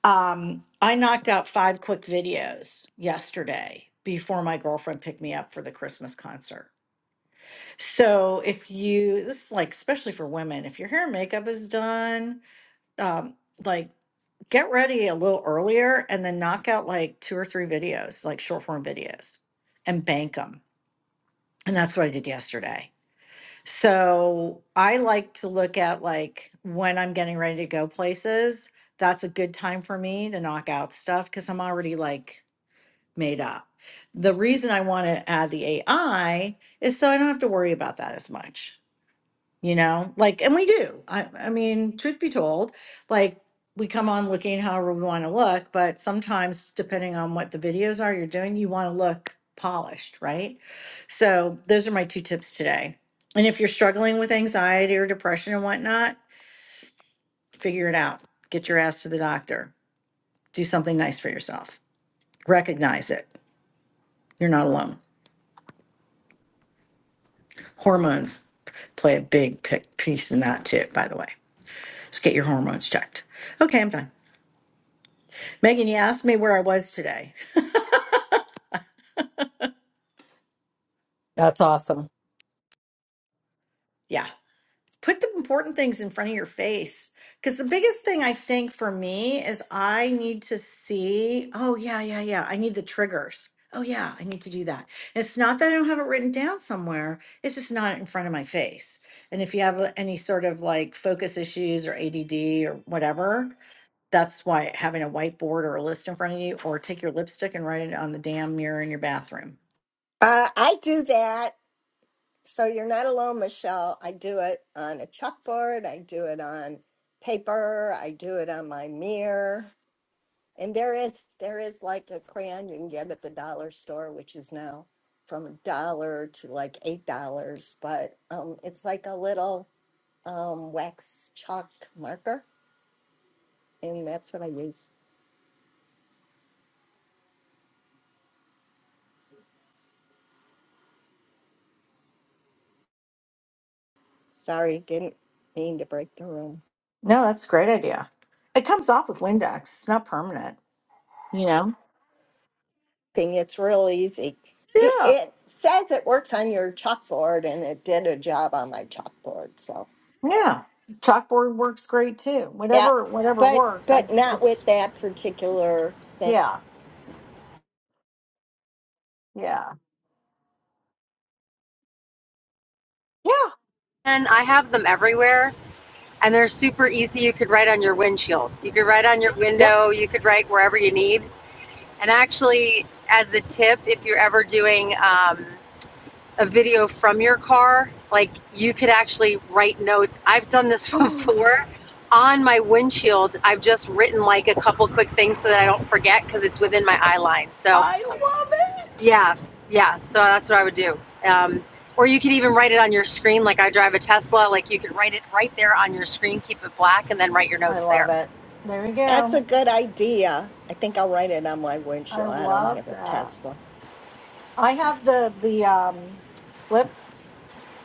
S8: um, I knocked out five quick videos yesterday before my girlfriend picked me up for the Christmas concert. So if you, this is like, especially for women, if your hair and makeup is done, um, like get ready a little earlier and then knock out like two or three videos, like short form videos, and bank them. And that's what I did yesterday. So I like to look at like when I'm getting ready to go places. That's a good time for me to knock out stuff because I'm already like made up. The reason I want to add the AI is so I don't have to worry about that as much you know like and we do i i mean truth be told like we come on looking however we want to look but sometimes depending on what the videos are you're doing you want to look polished right so those are my two tips today and if you're struggling with anxiety or depression and whatnot figure it out get your ass to the doctor do something nice for yourself recognize it you're not alone hormones play a big pic- piece in that too by the way so get your hormones checked okay i'm done Megan, you asked me where I was today.
S3: that's awesome.
S8: Yeah. Put the important things in front of your face. Because the biggest thing I think for me is I need to see, oh, yeah, yeah, yeah. I need the triggers. Oh, yeah, I need to do that. And it's not that I don't have it written down somewhere, it's just not in front of my face. And if you have uh, any sort of like focus issues or ADD or whatever, that's why having a whiteboard or a list in front of you, or take your lipstick and write it on the damn mirror in your bathroom
S17: Uh, I do that, so you're not alone, Michelle. I do it on a chalkboard. I do it on paper. I do it on my mirror. And there is there is like a crayon you can get at the dollar store, which is now from a dollar to like eight dollars. But um, it's like a little um, wax chalk marker, and that's what I use. Sorry, didn't mean to break the room.
S8: No, that's a great idea. It comes off with Windex. It's not permanent, you know?
S17: Thing, it's real easy. It,
S8: Yeah.
S17: it says it works on your chalkboard, and it did a job on my chalkboard. So
S8: Yeah. Chalkboard works great too.
S17: yeah,
S8: Whatever whatever
S17: but
S8: works. I
S17: but not with
S8: it's
S17: that particular thing.
S8: yeah. Yeah. Yeah.
S16: and I have them everywhere, and they're super easy. You could write on your windshield, you could write on your
S8: Yep.
S16: window, you could write wherever you need. And actually, as a tip, if you're ever doing um, a video from your car, like you could actually write notes. I've done this [laughs]
S8: [gasps]
S16: before. On my windshield, I've just written like a couple quick things so that I don't forget because it's within my eye line. So
S8: I love it.
S16: Yeah, yeah. So that's what I would do. Um, or you could even write it on your screen, like I drive a Tesla. Like you could write it right there on your screen, keep it black, and then write your
S8: I
S16: notes
S8: love
S16: there.
S8: it. There we
S17: That's
S8: go.
S17: a good idea. I think I'll write it on my
S8: I
S17: windshield. I don't have
S8: love
S17: a
S8: that.
S17: Tesla.
S8: I have the the um clip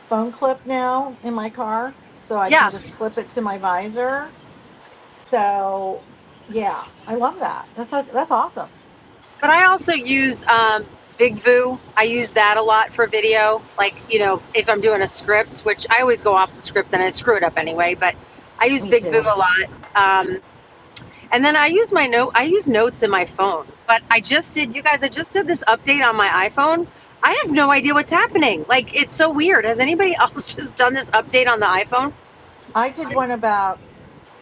S8: phone clip now in my car so I can
S16: Yeah,
S8: just clip it to my visor. So, yeah, I love that. That's that's awesome.
S16: but I also use um, BigVoo. I use that a lot for video. Like you know, if I'm doing a script, which I always go off the script and I screw it up anyway. But I use
S8: Me
S16: BigVoo
S8: too.
S16: a lot. Um, And then I use my note. I use notes in my phone, but I just did. You guys, I just did this update on my iPhone. I have no idea what's happening. Like it's so weird. Has anybody [laughs] else just done this update on the iPhone?
S8: I did one about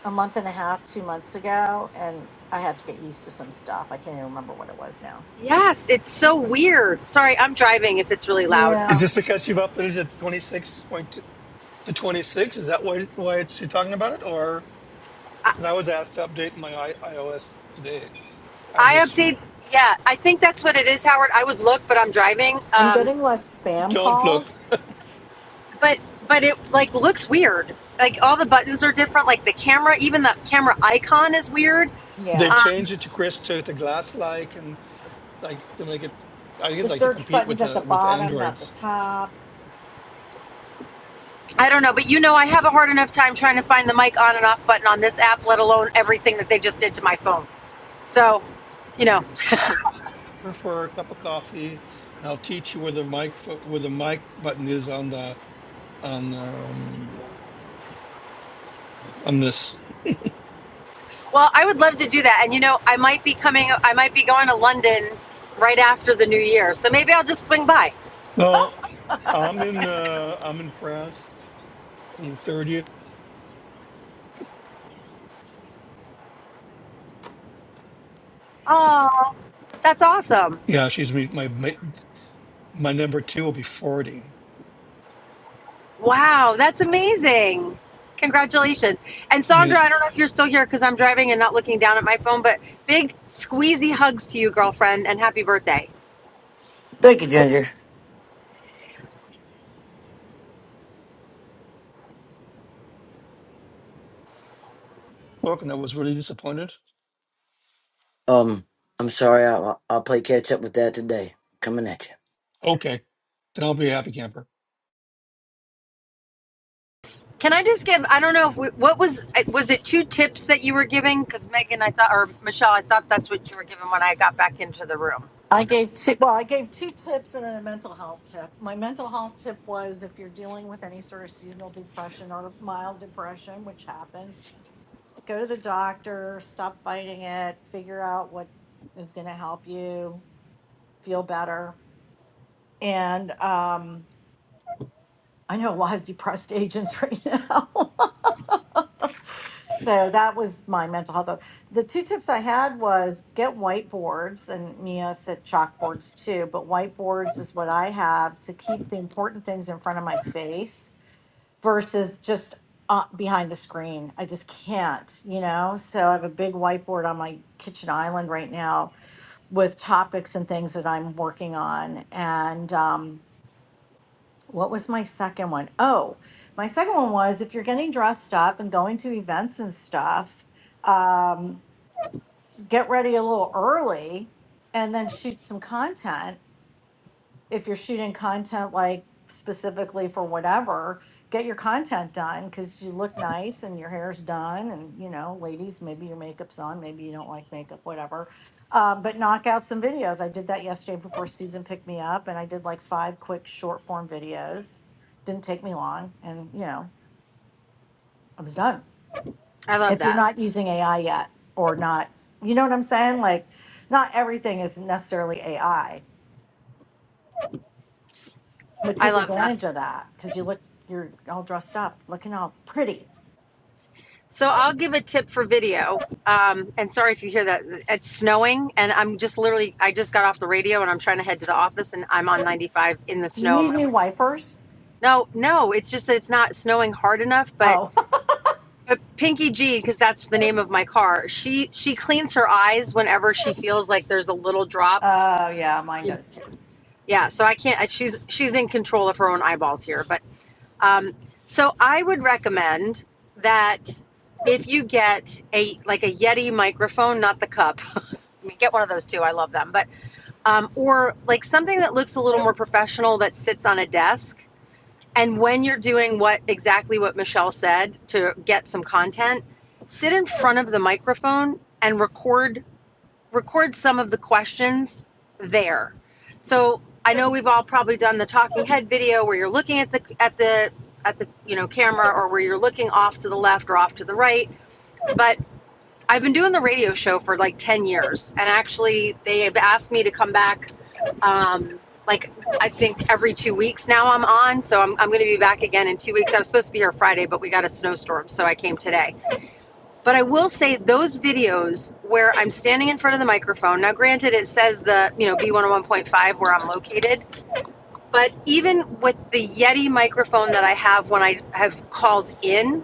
S8: a month and a half, two months ago, and I had to get used to some stuff. I can't even remember what it was now.
S16: Yes, it's so weird. Sorry, I'm driving. If it's really loud, I'm,
S1: Is
S8: Yeah.
S1: this because you've uploaded it to 26 point two to 26? Is that why, why it's, you're talking about it? Or
S16: I,
S1: because I was asked to update my I- iOS today. I'm
S16: I
S1: just,
S16: update. Yeah, I think that's what it is, Howard. I would look, but I'm driving.
S8: I'm
S16: Um,
S8: getting less spam
S1: don't look.
S8: calls.
S16: but but it like looks weird. Like all the buttons are different. Like the camera, even the camera icon is weird.
S1: They've
S8: Yeah.
S16: Um,
S1: changed it to Chris to the glass like and like to make it, I think
S8: The
S1: it's like to
S8: search
S1: compete
S8: button's
S1: with
S8: at the
S1: uh, with
S8: bottom, not the
S1: Androids.
S8: top. [laughs]
S16: I don't know, but you know, I have a hard enough time trying to find the mic on and off button on this app, let alone everything that they just did to my phone. So, you know,
S1: Go For a cup of coffee, and I'll teach you where the mic fo- where the mic button is on the on um, on this
S16: well, I would love to do that. And you know, I might be coming, I might be going to London right after the new year. So maybe I'll just swing by.
S1: Well, I'm in uh I'm in France on the 30th.
S16: Oh, that's awesome.
S1: Yeah, she's me my my, my number two will be 40.
S16: Wow, that's amazing. Congratulations. And
S1: You
S16: Sandra, I don't know if you're still here because I'm driving and not looking down at my phone, but big squeezy hugs to you, girlfriend, and happy birthday.
S9: Thank you, Ginger.
S1: look, and I was really disappointed.
S9: Um, I'm sorry. I'll, I'll play catch up with that today. Coming at you.
S1: Okay, then I'll be a happy camper.
S16: Can I just give? I don't know if we, what was was it two tips that you were giving? Because Megan, I thought, or Michelle, I thought that's what you were giving when I got back into the room.
S8: I
S16: I
S8: gave two, well, I gave two tips and then a mental health tip. My mental health tip was if you're dealing with any sort of seasonal depression or mild depression, which happens, go to the doctor, stop fighting it, figure out what is going to help you. feel better. And um, I know a lot of depressed agents [laughs] right now. so that was my mental health. The two tips I had was get whiteboards, and Mia said chalkboards too, but whiteboards is what I have to keep the important things in front of my face versus just uh, behind the screen. I just can't, you know? So I have a big whiteboard on my kitchen island right now with topics and things that I'm working on. And, um, what was my second one? Oh, my second one was if you're getting dressed up and going to events and stuff, um, get ready a little early and then shoot some content if you're shooting content like specifically for whatever, get your content done because you look nice and your hair's done. And, you know, ladies, maybe your makeup's on, maybe you don't like makeup, whatever. Um, but knock out some videos. I did that yesterday before Susan picked me up, and I did like five quick short form videos. Didn't take me long. And, you know, I was done.
S16: love
S8: If you're
S16: that.
S8: not using AI yet or not, you know what I'm saying? Like, not everything is necessarily AI. But
S16: I
S8: take
S16: love that.
S8: advantage of that because you look, you're all dressed up, looking all pretty.
S16: So I'll give a tip for video. Um, and sorry if you hear that. It's snowing, and I'm just literally. I just got off the radio, and I'm trying to head to the office, and I'm on 95 in the
S8: Do you
S16: snow. And
S8: need
S16: my
S8: new wipers?
S16: no, no, it's just that it's not snowing hard enough. But
S8: Oh, [laughs]
S16: but Pinky G, because that's the name of my car. She she cleans her eyes whenever she feels like there's a little drop
S8: oh yeah, mine does too.
S16: Yeah, so I can't. She's she's in control of her own eyeballs here, but um, so I would recommend that if you get a like a Yeti microphone, not the cup. [laughs] I mean, get one of those too. I love them, but um, or like something that looks a little more professional that sits on a desk. And when you're doing what exactly what Michelle said to get some content, sit in front of the microphone and record record some of the questions there. So I know we've all probably done the talking head video where you're looking at the at the at the you know camera or where you're looking off to the left or off to the right. But I've been doing the radio show for like ten years, and actually they have asked me to come back. Um, like I think every two weeks now I'm on, so I'm I'm going to be back again in two weeks. I was supposed to be here Friday, but we got a snowstorm, so I came today but I will say those videos where I'm standing in front of the microphone. Now, granted, it says the you know B101.5 where I'm located, but even with the Yeti microphone that I have when I have called in,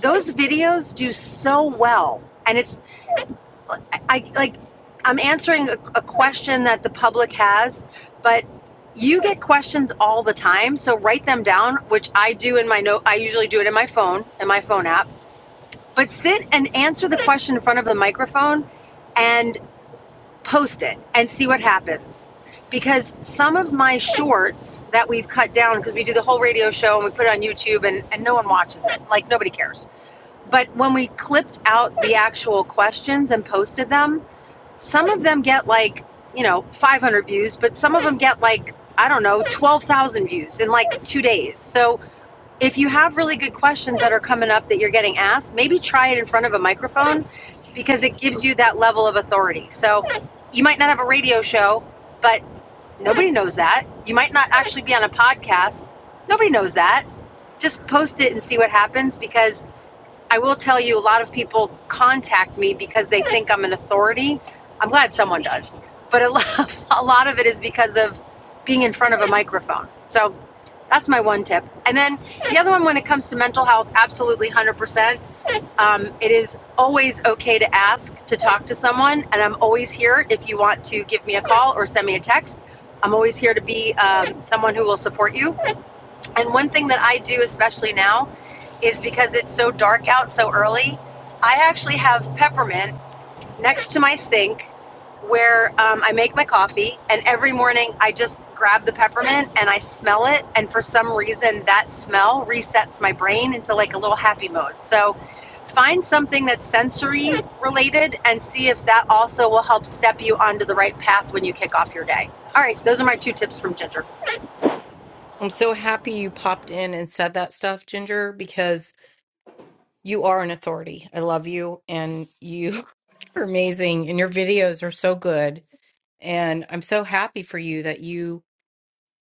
S16: those videos do so well, and it's I- like I'm answering a, a question that the public has, but you get questions all the time so write them down which i do in my note i usually do it in my phone in my phone app but sit and answer the question in front of the microphone and post it and see what happens. Because some of my shorts that we've cut down, because we do the whole radio show and we put it on YouTube and, and no one watches it, like nobody cares. But when we clipped out the actual questions and posted them, some of them get like, you know, 500 views, but some of them get like, I don't know, 12,000 views in like two days. So if you have really good questions that are coming up that you're getting asked, maybe try it in front of a microphone because it gives you that level of authority. So you might not have a radio show, but nobody knows that. You might not actually be on a podcast. Nobody knows that. Just post it and see what happens because I will tell you, a lot of people contact me because they think I'm an authority. I'm glad someone does, but a [laughs] lot, a lot of it is because of being in front of a microphone. So that's my one tip. And then the other one, when it comes to mental health, absolutely 100%. Um, it is always okay to ask to talk to someone, and I'm always here if you want to give me a call or send me a text. I'm always here to be um, someone who will support you. And one thing that I do, especially now, is because it's so dark out so early, I actually have peppermint next to my sink where um, I make my coffee. And every morning I just grab the peppermint and I smell it. And for some reason, that smell resets my brain into like a little happy mode. So find something that's sensory related and see if that also will help step you onto the right path when you kick off your day. All right, those are my two tips from Ginger.
S3: I'm so happy you popped in and said that stuff, Ginger, because you are an authority. I love you and you [laughs] are amazing and your videos are so good. And I'm so happy for you that you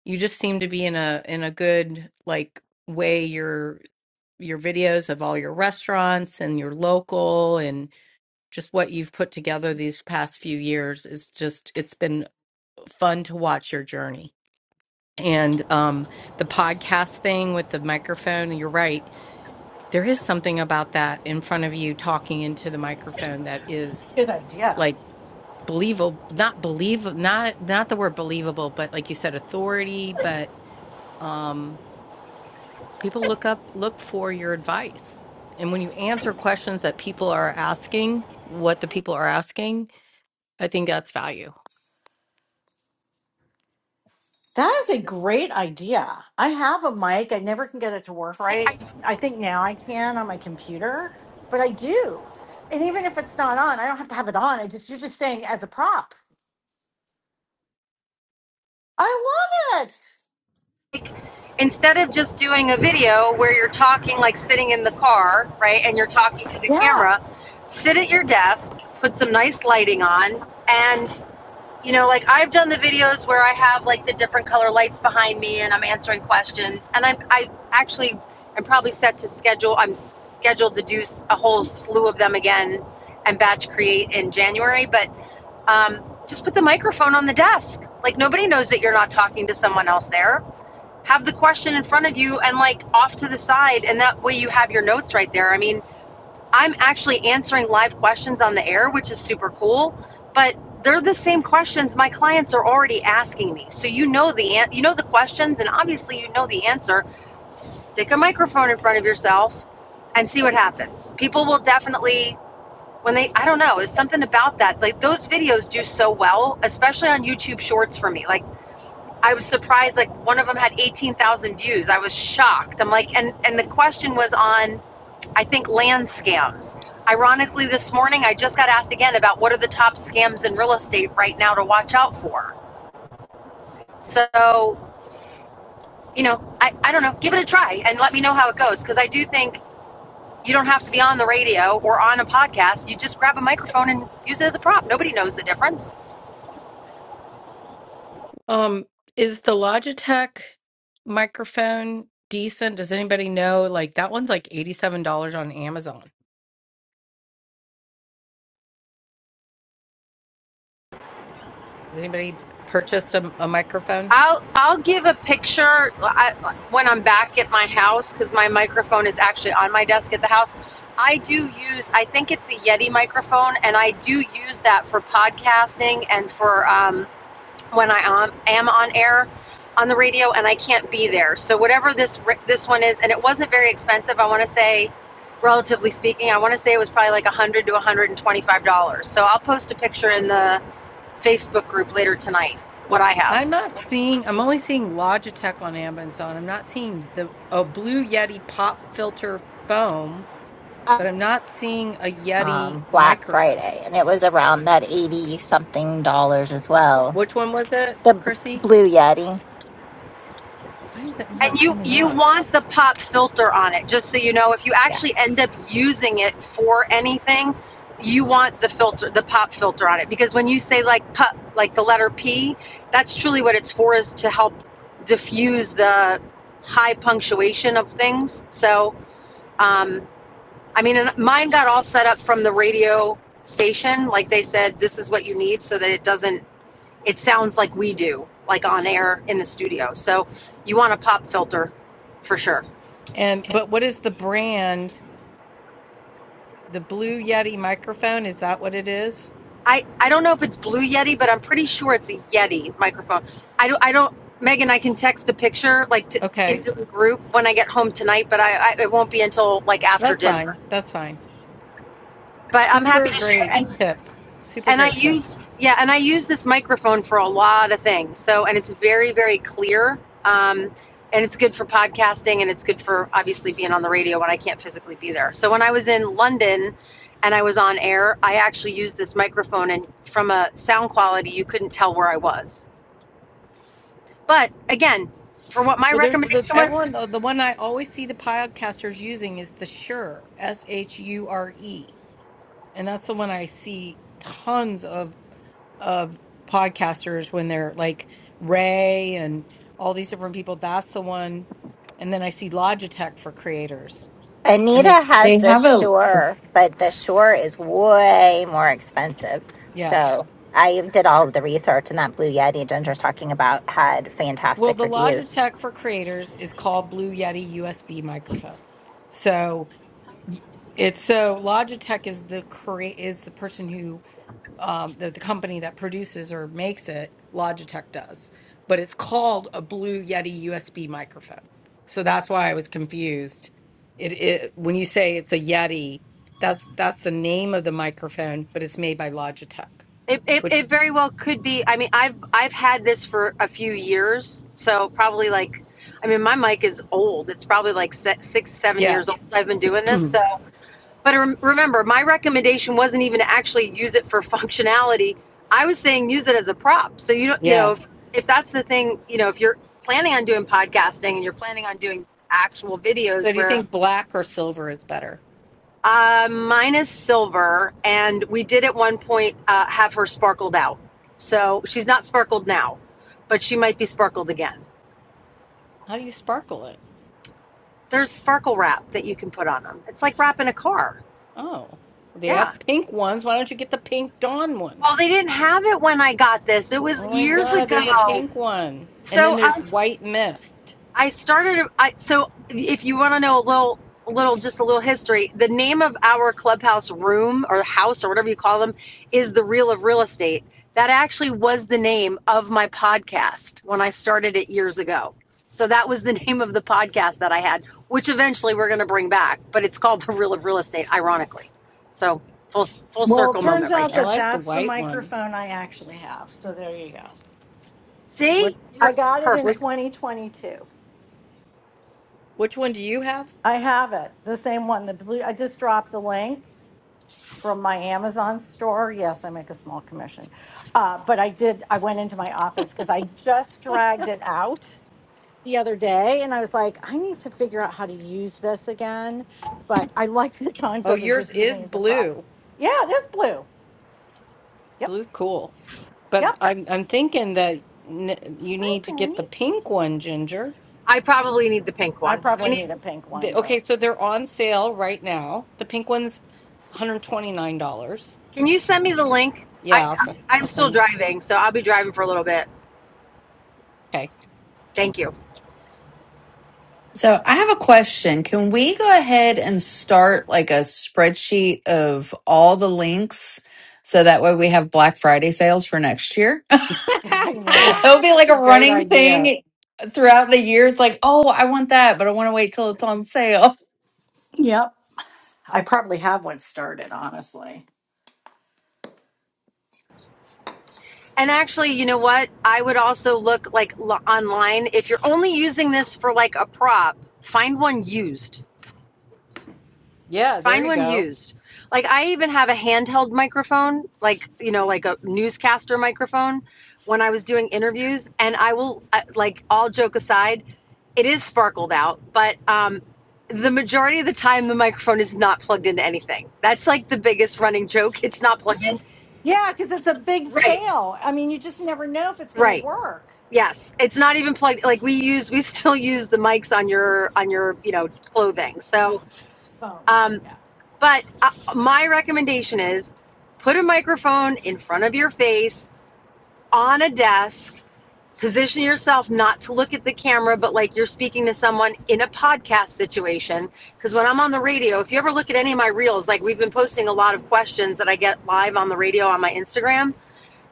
S3: you just seem to be in a in a good like way your your videos of all your restaurants and your local and just what you've put together these past few years is just it's been fun to watch your journey and um the podcast thing with the microphone you're right there is something about that in front of you talking into the microphone that is
S8: Good idea.
S3: like believable not believe not not the word believable but like you said authority but um people look up look for your advice and when you answer questions that people are asking what the people are asking i think that's value
S8: That is a great idea. I have a mic. I never can get it to work
S16: I, I
S8: right. I think now I can on my computer, but I do. And even if it's not on, I don't have to have it on. I just you're just saying as a prop. I love it.
S16: instead of just doing a video where you're talking like sitting in the car, right, and you're talking to the
S8: Yeah.
S16: camera, sit at your desk, put some nice lighting on, and you know, like I've done the videos where I have like the different color lights behind me and I'm answering questions, and I'm I actually am probably set to schedule. I'm scheduled to do a whole slew of them again and batch create in January, but um, just put the microphone on the desk. Like nobody knows that you're not talking to someone else there have the question in front of you and like off to the side and that way you have your notes right there i mean i'm actually answering live questions on the air which is super cool but they're the same questions my clients are already asking me so you know the an- you know the questions and obviously you know the answer stick a microphone in front of yourself and see what happens people will definitely when they i don't know it's something about that like those videos do so well especially on youtube shorts for me like I was surprised. Like one of them had eighteen thousand views. I was shocked. I'm like, and and the question was on, I think land scams. Ironically, this morning I just got asked again about what are the top scams in real estate right now to watch out for. So you know, I I don't know. Give it a try and let me know how it goes because I do think you don't have to be on the radio or on a podcast. You just grab a microphone and use it as a prop. Nobody knows the difference.
S3: um is the logitech microphone decent does anybody know like that one's like $87 on amazon has anybody purchased a, a microphone
S16: I'll I'll give a picture I, when I'm back at my house because my microphone is actually on my desk at the house. I do use I think it's a Yeti microphone and I do use that for podcasting and for um, when I am, am on air on the radio and I can't be there. So whatever this this one is and it wasn't very expensive. I want to say relatively speaking, I want to say it was probably like 100 to 125 dollars. So I'll post a picture in the Facebook group later tonight what
S3: well
S16: I have.
S3: i'm not seeing i'm only seeing logitech on amazon i'm not seeing the a blue yeti pop filter foam but I'm not seeing a Yeti
S15: Um, Black
S3: microphone.
S15: Friday, and it was around that eighty something dollars as well.
S3: Which one was it,
S15: The b-
S3: Chrissy?
S15: Blue Yeti.
S3: Why is it not
S16: And you
S3: coming
S16: you
S3: up?
S16: want the pop filter on it, just so you know. If you
S15: Yeah.
S16: actually end up using it for anything, you want the filter, the pop filter on it, because when you say like pop, like the letter P, that's truly what it's for, is to help diffuse the high punctuation of things. So, um, I mean, and mine got all set up from the radio station, like they said, this is what you need, so that it doesn't it sounds like we do, like on air in the studio. So you want a pop filter for sure.
S3: And but what is the brand? The blue Yeti microphone, is that what it is?
S16: I, I don't know if it's Blue Yeti, but I'm pretty sure it's a Yeti microphone. I don't, I don't Megan, I can text a picture like to,
S3: Okay.
S16: into the group when I get home tonight, but I, I it won't be until like after
S3: That's
S16: dinner.
S3: fine. That's fine.
S16: But I'm happy
S3: Super
S16: to share.
S3: great
S16: And
S3: tip. Super
S16: and I
S3: great tip.
S16: use yeah, and I use this microphone for a lot of things. So, and it's very very clear. Um, and it's good for podcasting, and it's good for obviously being on the radio when I can't physically be there. So when I was in London, and I was on air, I actually used this microphone, and from a sound quality, you couldn't tell where I was. But again, for what my
S3: Well, there's the
S16: recommendation was,
S3: everyone the, the one I always see the podcasters using is the Shure, S H U R E. And that's the one I see tons of of podcasters when they're like Ray and all these different people. That's the one. And then I see Logitech for creators. And
S15: Anita
S3: they,
S15: has the Shore, but the Shore is way more expensive.
S3: yeah.
S15: So I did all of the research, and that Blue Yeti Ginger's talking about had
S3: Well,
S15: fantastic
S3: the
S15: reviews.
S3: Logitech for creators is called Blue Yeti USB microphone. So y- it's so Logitech is the create is the person who um, the, the company that produces or makes it, Logitech does, but it's called a Blue Yeti USB microphone. So that's why I was confused. It, it when you say it's a Yeti, that's that's the name of the microphone, but it's made by Logitech.
S16: It, it,
S3: Which
S16: it very well could be. I mean, I've I've had this for a few years, so probably like, I mean, my mic is old. It's probably like se- six, seven
S3: yeah,
S16: years old. I've been doing
S3: [clears throat]
S16: this, so. But rem- remember, my recommendation wasn't even to actually use it for functionality. I was saying use it as a prop. So you don't, you know,
S3: yeah.
S16: if if that's the thing, you know, if you're planning on doing podcasting and you're planning on doing actual
S3: So
S16: videos
S3: do you
S16: where
S3: think black or silver is better?
S16: uh, mine is silver, and we did at one point uh, have her sparkled out. So she's not sparkled now, but she might be sparkled again.
S3: How do you sparkle it?
S16: There's sparkle wrap that you can put on them. It's like wrapping a car.
S3: Oh, they have
S16: Yeah.
S3: pink ones. Why don't you get the pink dawn one?
S16: Well, they didn't have it when I got this. It was
S3: Oh my
S16: years
S3: God, there's a
S16: ago.
S3: pink one, and
S16: So
S3: then
S16: I
S3: there's
S16: was
S3: white mist.
S16: I started. I so if you want to know a little, a little, just a little history, the name of our clubhouse room or house or whatever you call them is the Reel of Real Estate. That actually was the name of my podcast when I started it years ago. So that was the [laughs] name of the podcast that I had, which eventually we're going to bring back. But it's called [laughs] the Reel of Real Estate, ironically. So full full
S8: Well, it
S16: circle
S8: turns
S16: moment right
S8: out
S3: I
S16: there.
S8: that
S3: like the
S8: that's the
S3: white one.
S8: microphone I actually have. So there you go.
S3: Which
S16: See,
S8: I
S16: you're
S8: got it in
S3: which
S16: perfect.
S8: 2022.
S3: which one do you have?
S8: I have it. The same one. The blue. I just dropped the link from my Amazon store. Yes, I make a small commission, uh, but I did. I went into my office because I just dragged it out the other day, and I was like, I need to figure out how to use this again. But I like the [laughs]
S3: Oh,
S8: concept of
S3: yours
S8: just using
S3: is
S8: it as a prop.
S3: blue.
S8: Yeah, it is blue. Yep.
S3: Blue's cool,
S8: Yep.
S3: but I'm I'm thinking that n you
S8: Hi,
S3: need to get the
S8: Benny.
S3: pink one, Ginger.
S16: I probably need the pink
S8: I
S16: one. I
S8: probably
S16: need
S8: need a pink
S3: The,
S8: one, but
S3: okay, so they're on sale right now. The pink one's $129.
S16: Can you send me the link? I,
S3: Yeah, I'll
S16: I
S3: send,
S16: I'm
S3: I'll send
S16: still
S3: you.
S16: driving, so I'll be driving for a little bit.
S3: Okay.
S16: Thank you.
S7: So I have a question. Can we go ahead and start like a spreadsheet of all the links so that way we have Black Friday sales for next year?
S3: [laughs]
S8: [laughs] yeah.
S7: [laughs] It'll be
S3: That's
S7: like a
S3: a great
S7: running
S3: idea.
S7: thing throughout the year. It's like, oh, I want that, but I want to wait till it's on sale.
S8: Yep. I probably have one started, honestly.
S16: And actually, you know what? I would also look like l- online if you're only using this for like a prop, find one used.
S3: Yeah, there
S16: Find
S3: you
S16: one
S3: go.
S16: used. Like I even have a handheld microphone, like you know, like a newscaster microphone when I was doing interviews and I will uh, like all joke aside, it is sparkled out, but um the majority of the time the microphone is not plugged into anything. That's like the biggest running joke. It's not plugged in.
S8: Yeah, because it's a big
S16: Right.
S8: fail. I mean, you just never know if it's going to
S16: Right.
S8: work.
S16: Yes. It's not even plugged like we use we still use the mics on your on your, you know, clothing. So,
S8: Phone.
S16: um,
S8: Yeah.
S16: But uh, my recommendation is put a microphone in front of your face on a desk, position yourself not to look at the camera, but like you're speaking to someone in a podcast situation. Because when I'm on the radio, if you ever look at any of my reels, like we've been posting a lot of questions that I get live on the radio on my Instagram.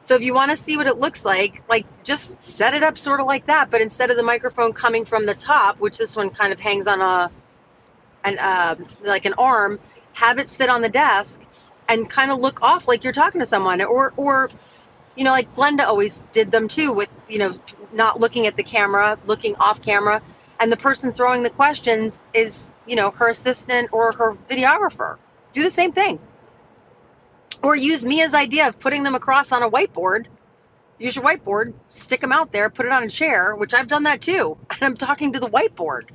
S16: So if you want to see what it looks like, like just set it up sort of like that, but instead of the microphone coming from the top, which this one kind of hangs on a an um like an arm, have it sit on the desk, and kind of look off like you're talking to someone, or or you know like Glenda always did them too with you know not looking at the camera, looking off camera, and the person throwing the questions is you know her assistant or her videographer. Do the same thing, or use Mia's idea of putting them across on a whiteboard. Use your whiteboard, stick them out there, put it on a chair, which I've done that too, [laughs] and I'm talking to the whiteboard.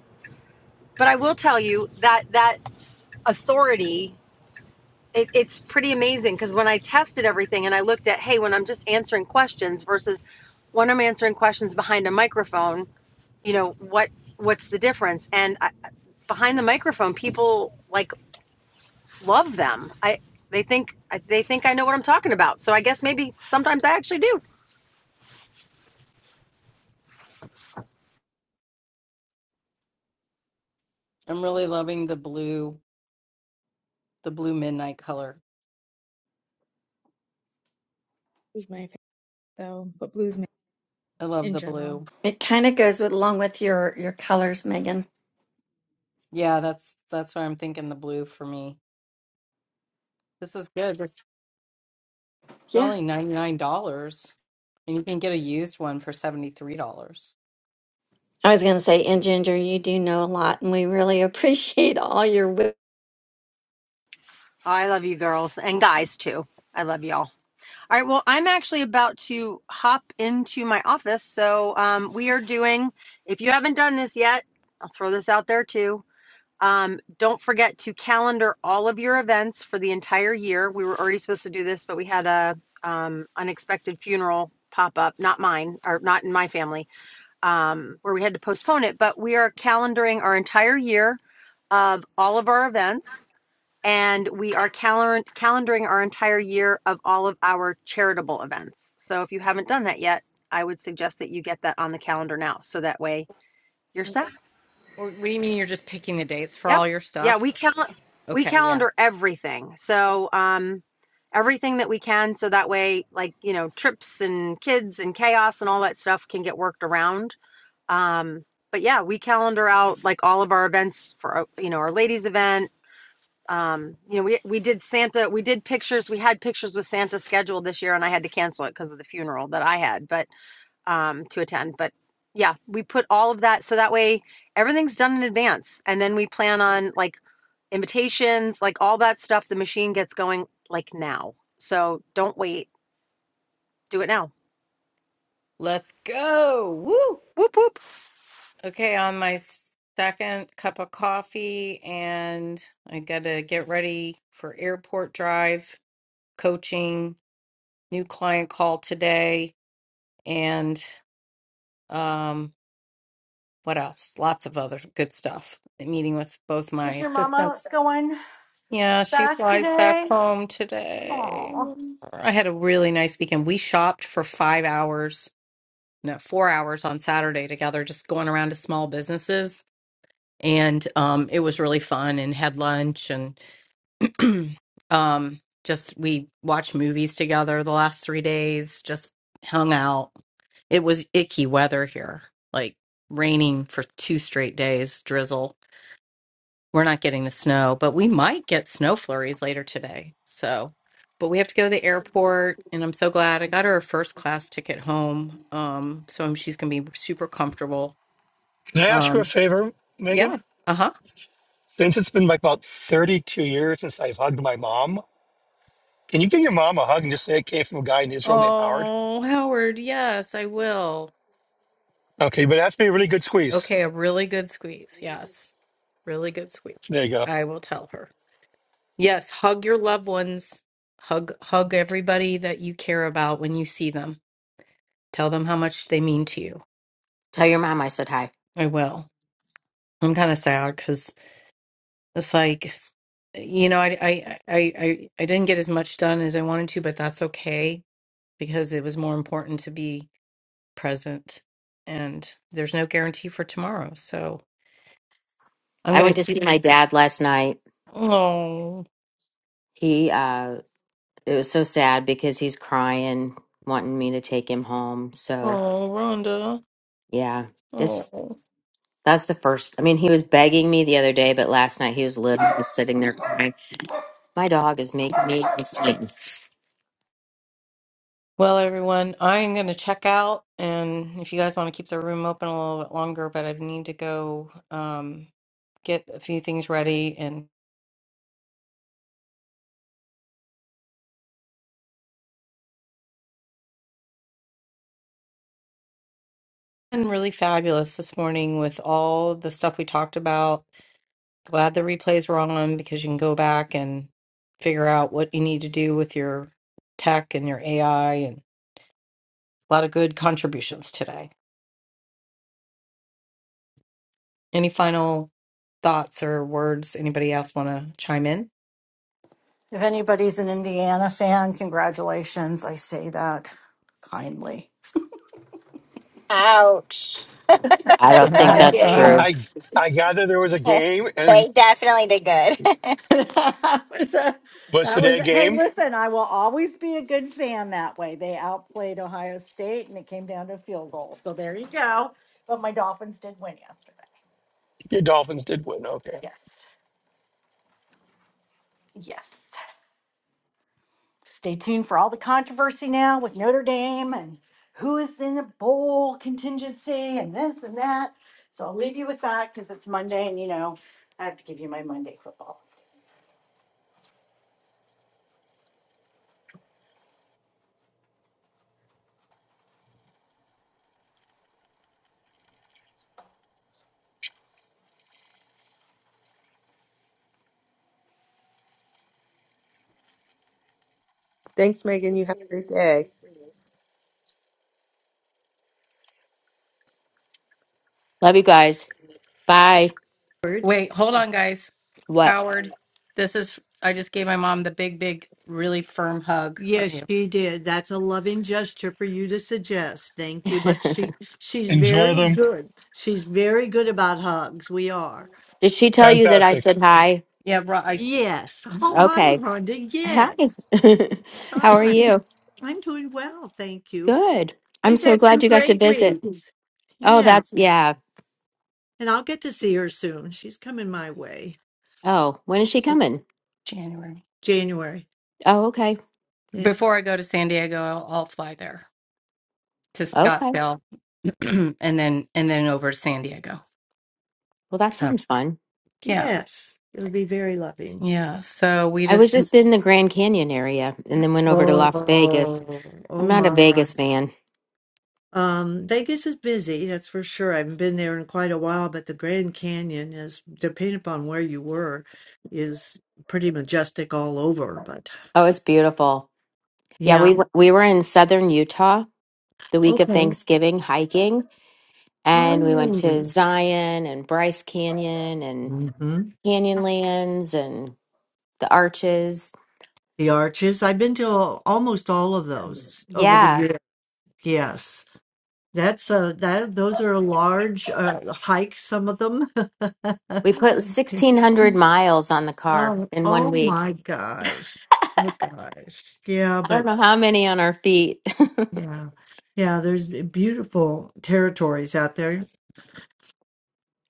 S16: But I will tell you that that authority it, it's pretty amazing because when I tested everything and I looked at, hey, when I'm just answering questions versus when I'm answering questions behind a microphone, you know what what's the difference? And I, behind the microphone, people like love them. I they think they think I know what I'm talking about. So I guess maybe sometimes I actually do.
S3: I'm really loving the blue, the blue midnight color.
S4: Blue's my favorite though, but blues ma-
S3: I love
S4: in
S3: the
S4: general.
S3: blue.
S12: It kind of goes with along with you.
S3: Yeah, that's that's why I'm thinking the blue for me. This is good. It's it's
S12: Yeah.
S3: only $99 and you can get a used one for $73. Or
S12: I was going to say, and Ginger, you do know a lot, and we really [laughs] appreciate all your. wi-
S16: Oh, I love you girls and guys too. I love y'all. All right, well, I'm actually about to hop into my office. So um, we are doing, if you haven't done this yet, I'll throw this out there too Um, don't forget to calendar all of your events for the entire year. We were already supposed to do this, but we had a um, unexpected funeral pop up, not mine or not in my family, um, where we had to postpone it. But we are calendaring our entire year of all of our events, and we are calend- calendaring our entire year of all of our charitable events. So if you haven't done that yet, I would suggest that you get that on the calendar now, so that way you're set.
S3: What what do you mean you're just picking the dates for
S16: Yep.
S3: all your
S16: Yeah, we
S3: stuff?
S16: cal we
S3: Okay, yeah.
S16: calendar everything. So, um, everything that we can so that way like, you know, trips and kids and chaos and all that stuff can get worked around. Um, but yeah, we calendar out like all of our events for, uh, you know, our ladies event. Um, you know, we we did Santa, we did pictures, we had pictures with Santa scheduled this year and I had to cancel it because of the funeral that I had, but um to attend, but yeah, we put all of that so that way everything's done in advance and then we plan on like invitations, like all that stuff. The machine gets going like now. So don't wait. Do it now.
S3: Let's go. Woo!
S16: Whoop whoop.
S3: Okay, on my second cup of coffee and I got to get ready for airport drive, coaching, new client call today and um what else? Lots of other good stuff. Meeting with both my
S8: Is your mama
S3: assistants
S8: going
S3: Yeah, she
S8: back
S3: flies back
S8: today?
S3: home today.
S8: Oh.
S3: I had a really nice weekend. We shopped for five hours, no, four hours on Saturday together, just going around to small businesses. And um, it was really fun and had lunch and [clears throat] um, just we watched movies together the last three days, just hung out. It was icky weather here, like raining for two straight days, drizzle. We're not getting the snow, but we might get snow flurries later today. So, but we have to go to the airport, and I'm so glad I got her a first class ticket home. Um, so she's gonna be super comfortable.
S1: Can I ask you a
S3: Um,
S1: favor, Megan?
S3: yeah. Uh-huh.
S1: Since it's been like about 32 years since I've hugged my mom, can you give your mom a hug and just say it came from a guy in Israel named Howard?
S3: Oh, Howard, yes, I will.
S1: Okay, but that's be a really good squeeze.
S3: Okay, a really good squeeze. Yes. Really good squeeze.
S1: There you go.
S3: I will tell her. Yes, hug your loved ones. Hug hug everybody that you care about when you see them. Tell them how much they mean to you.
S2: Tell your mom I said hi.
S3: I will. I'm kind of sad because it's like, you know, I, I I I I didn't get as much done as I wanted to, but that's okay because it was more important to be present. And there's no guarantee for tomorrow, so I'm
S2: I
S3: gonna
S2: went to
S3: see.
S2: see my dad last night.
S3: Oh,
S2: He uh it was so sad because he's crying, wanting me to take him home. So
S3: oh, Rhonda.
S2: yeah. this
S3: Oh.
S2: That's the first. I mean, he was begging me the other day, but last night he was literally just sitting there crying. My dog is making me insane.
S3: Well, everyone, I'm gonna check out, and if you guys want to keep the room open a little bit longer, but I need to go um, get a few things ready and. been really fabulous this morning with all the stuff we talked about. Glad the replays were on because you can go back and figure out what you need to do with your tech and your AI and a lot of good contributions today. Any final thoughts or words anybody else want to chime in?
S8: If anybody's an Indiana fan, congratulations. I say that kindly.
S15: Ouch.
S8: It
S2: I
S8: was a
S2: don't think
S8: bad
S2: that's
S3: [laughs]
S8: game.
S2: true.
S1: I I gather there was a
S15: [laughs]
S1: game and
S15: They definitely did good. [laughs]
S8: [laughs] that was a,
S1: was
S8: that was
S1: today a
S8: hey
S1: game?
S8: listen i will always be a good fan that way they outplayed ohio state and it came down to a field goal so there you go but my dolphins did win yesterday
S1: Your Dolphins did win. Okay.
S8: yes yes Stay tuned for all the controversy now with Notre Dame and who is in a bowl contingency and this and that. So I'll leave you with that because it's Monday and you know, I have to give you my Monday football.
S10: Thanks, Megan. You have a great day.
S2: Love you guys. Bye.
S3: Wait, hold on, guys.
S2: What?
S3: Howard, this is. I just gave my mom the big, big, really firm hug from Yes, you. she did. That's a loving gesture for you to suggest.
S2: [laughs]
S3: Thank you. But she
S2: Did
S3: she's
S1: Enjoy
S3: very
S1: them.
S3: good. She's very good about hugs. We are.
S2: she tell you that I
S1: Fantastic.
S2: said hi?
S3: Yeah, Ro- I, Yes. [laughs] Oh, hi,
S2: Okay.
S3: Rhonda.
S2: Hi.
S3: Yes.
S2: [laughs] How are
S3: Hi.
S2: you?
S3: I'm doing well, thank you.
S2: Good. I'm
S3: We've
S2: so
S3: had two
S2: glad you got to
S3: great
S2: visit.
S3: weeks.
S2: Oh,
S3: Yeah.
S2: that's yeah.
S3: And I'll get to see her soon. She's coming my way.
S2: Oh, when is she coming?
S3: January. January.
S2: Oh, okay.
S3: Before I go to San Diego, I'll, I'll fly there to
S2: Okay.
S3: Scottsdale [clears throat] and then and then over to San Diego.
S2: Well, that
S3: So
S2: sounds fun.
S3: yeah. Yes, it'll be very loving. Yeah. So we
S2: I was
S3: just
S2: just in the Grand Canyon area and then went over to
S3: Oh,
S2: Las Vegas.
S3: oh
S2: I'm not a
S3: my.
S2: Vegas fan.
S3: Um, Vegas is busy, that's for sure. I haven't been there in quite a while, but the Grand Canyon is, depending upon where you were, is pretty majestic all over. But
S2: Oh, it's beautiful. Yeah, we
S3: yeah,
S2: w- we were in southern Utah the week of
S3: okay.
S2: Thanksgiving hiking, and we went to
S3: Oh,
S2: Zion and Bryce Canyon and
S3: mhm.
S2: Canyonlands and the Arches.
S3: The arches. I've been to al- almost all of those over the
S2: Yeah,
S3: years. Yes. That's a that those are large uh, hikes, some of them.
S2: we put
S3: [laughs]
S2: 1600 miles on the car
S3: Oh,
S2: in one
S3: oh
S2: week.
S3: my gosh. Oh gosh. Yeah,
S2: I don't
S3: but
S2: know how many on our feet. [laughs]
S3: yeah. Yeah, there's b- beautiful territories out there.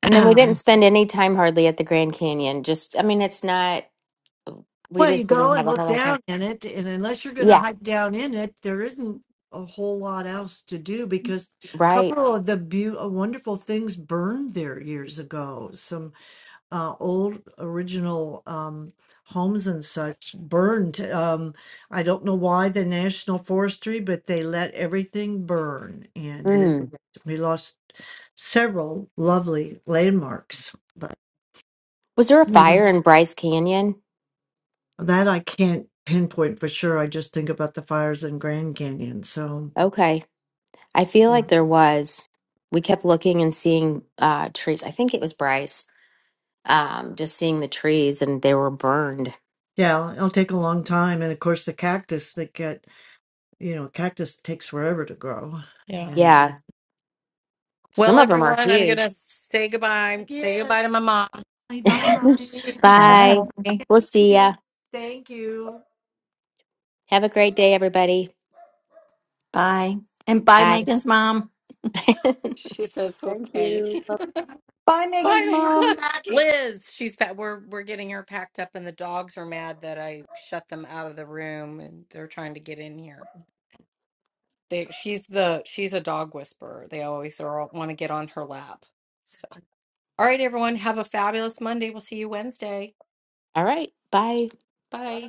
S2: And then we
S3: [clears throat]
S2: didn't spend any time hardly at the Grand Canyon. Just I mean, it's not we
S3: Well, you
S2: just
S3: go
S2: didn't
S3: and
S2: have a whole
S3: look
S2: lot of time.
S3: down in it, and unless you're going to
S2: Yeah,
S3: hike down in it, there isn't a whole lot else to do because a
S2: right.
S3: couple of the beau- uh, wonderful things burned there years ago. Some uh, old original um, homes and such burned. Um, I don't know why the National Forestry, but they let everything burn, and they
S2: Mm.
S3: we lost several lovely landmarks. But
S2: Was there a fire in Bryce Canyon?
S3: That I can't pinpoint for sure. I just think about the fires in Grand Canyon. So
S2: Okay. I feel
S3: yeah,
S2: like there was. We kept looking and seeing uh, trees. I think it was Bryce, um, just seeing the trees and they were burned.
S3: yeah, it'll take a long time. And of course, the cactus that get you know, cactus takes forever to grow. Yeah. And
S2: Yeah, some
S3: Well,
S2: of them are
S3: everyone, I'm
S2: huge.
S3: gonna say goodbye. Say goodbye yes, to my mom. bye
S2: [laughs]
S3: bye. [laughs]
S2: bye.
S7: Wow.
S2: We'll
S3: She, Thank
S2: see
S3: you.
S2: ya.
S3: Thank you.
S2: Have a great day, everybody.
S12: Bye. And bye,
S2: Bye.
S12: Megan's mom.
S2: [laughs] All
S3: she says
S18: Thank
S3: okay. [laughs]
S18: you.
S8: Bye, Megan's
S3: Bye. I'm Bye,
S8: mom.
S3: packing. Liz. She's pa- we're we're getting her packed up, and the dogs are mad that I shut them out of the room, and they're trying to get in here. They, she's the she's a dog whisperer. They always are, want to get on her lap. So, all right, everyone, have a fabulous Monday. We'll see you Wednesday.
S2: right. Bye.
S3: Bye.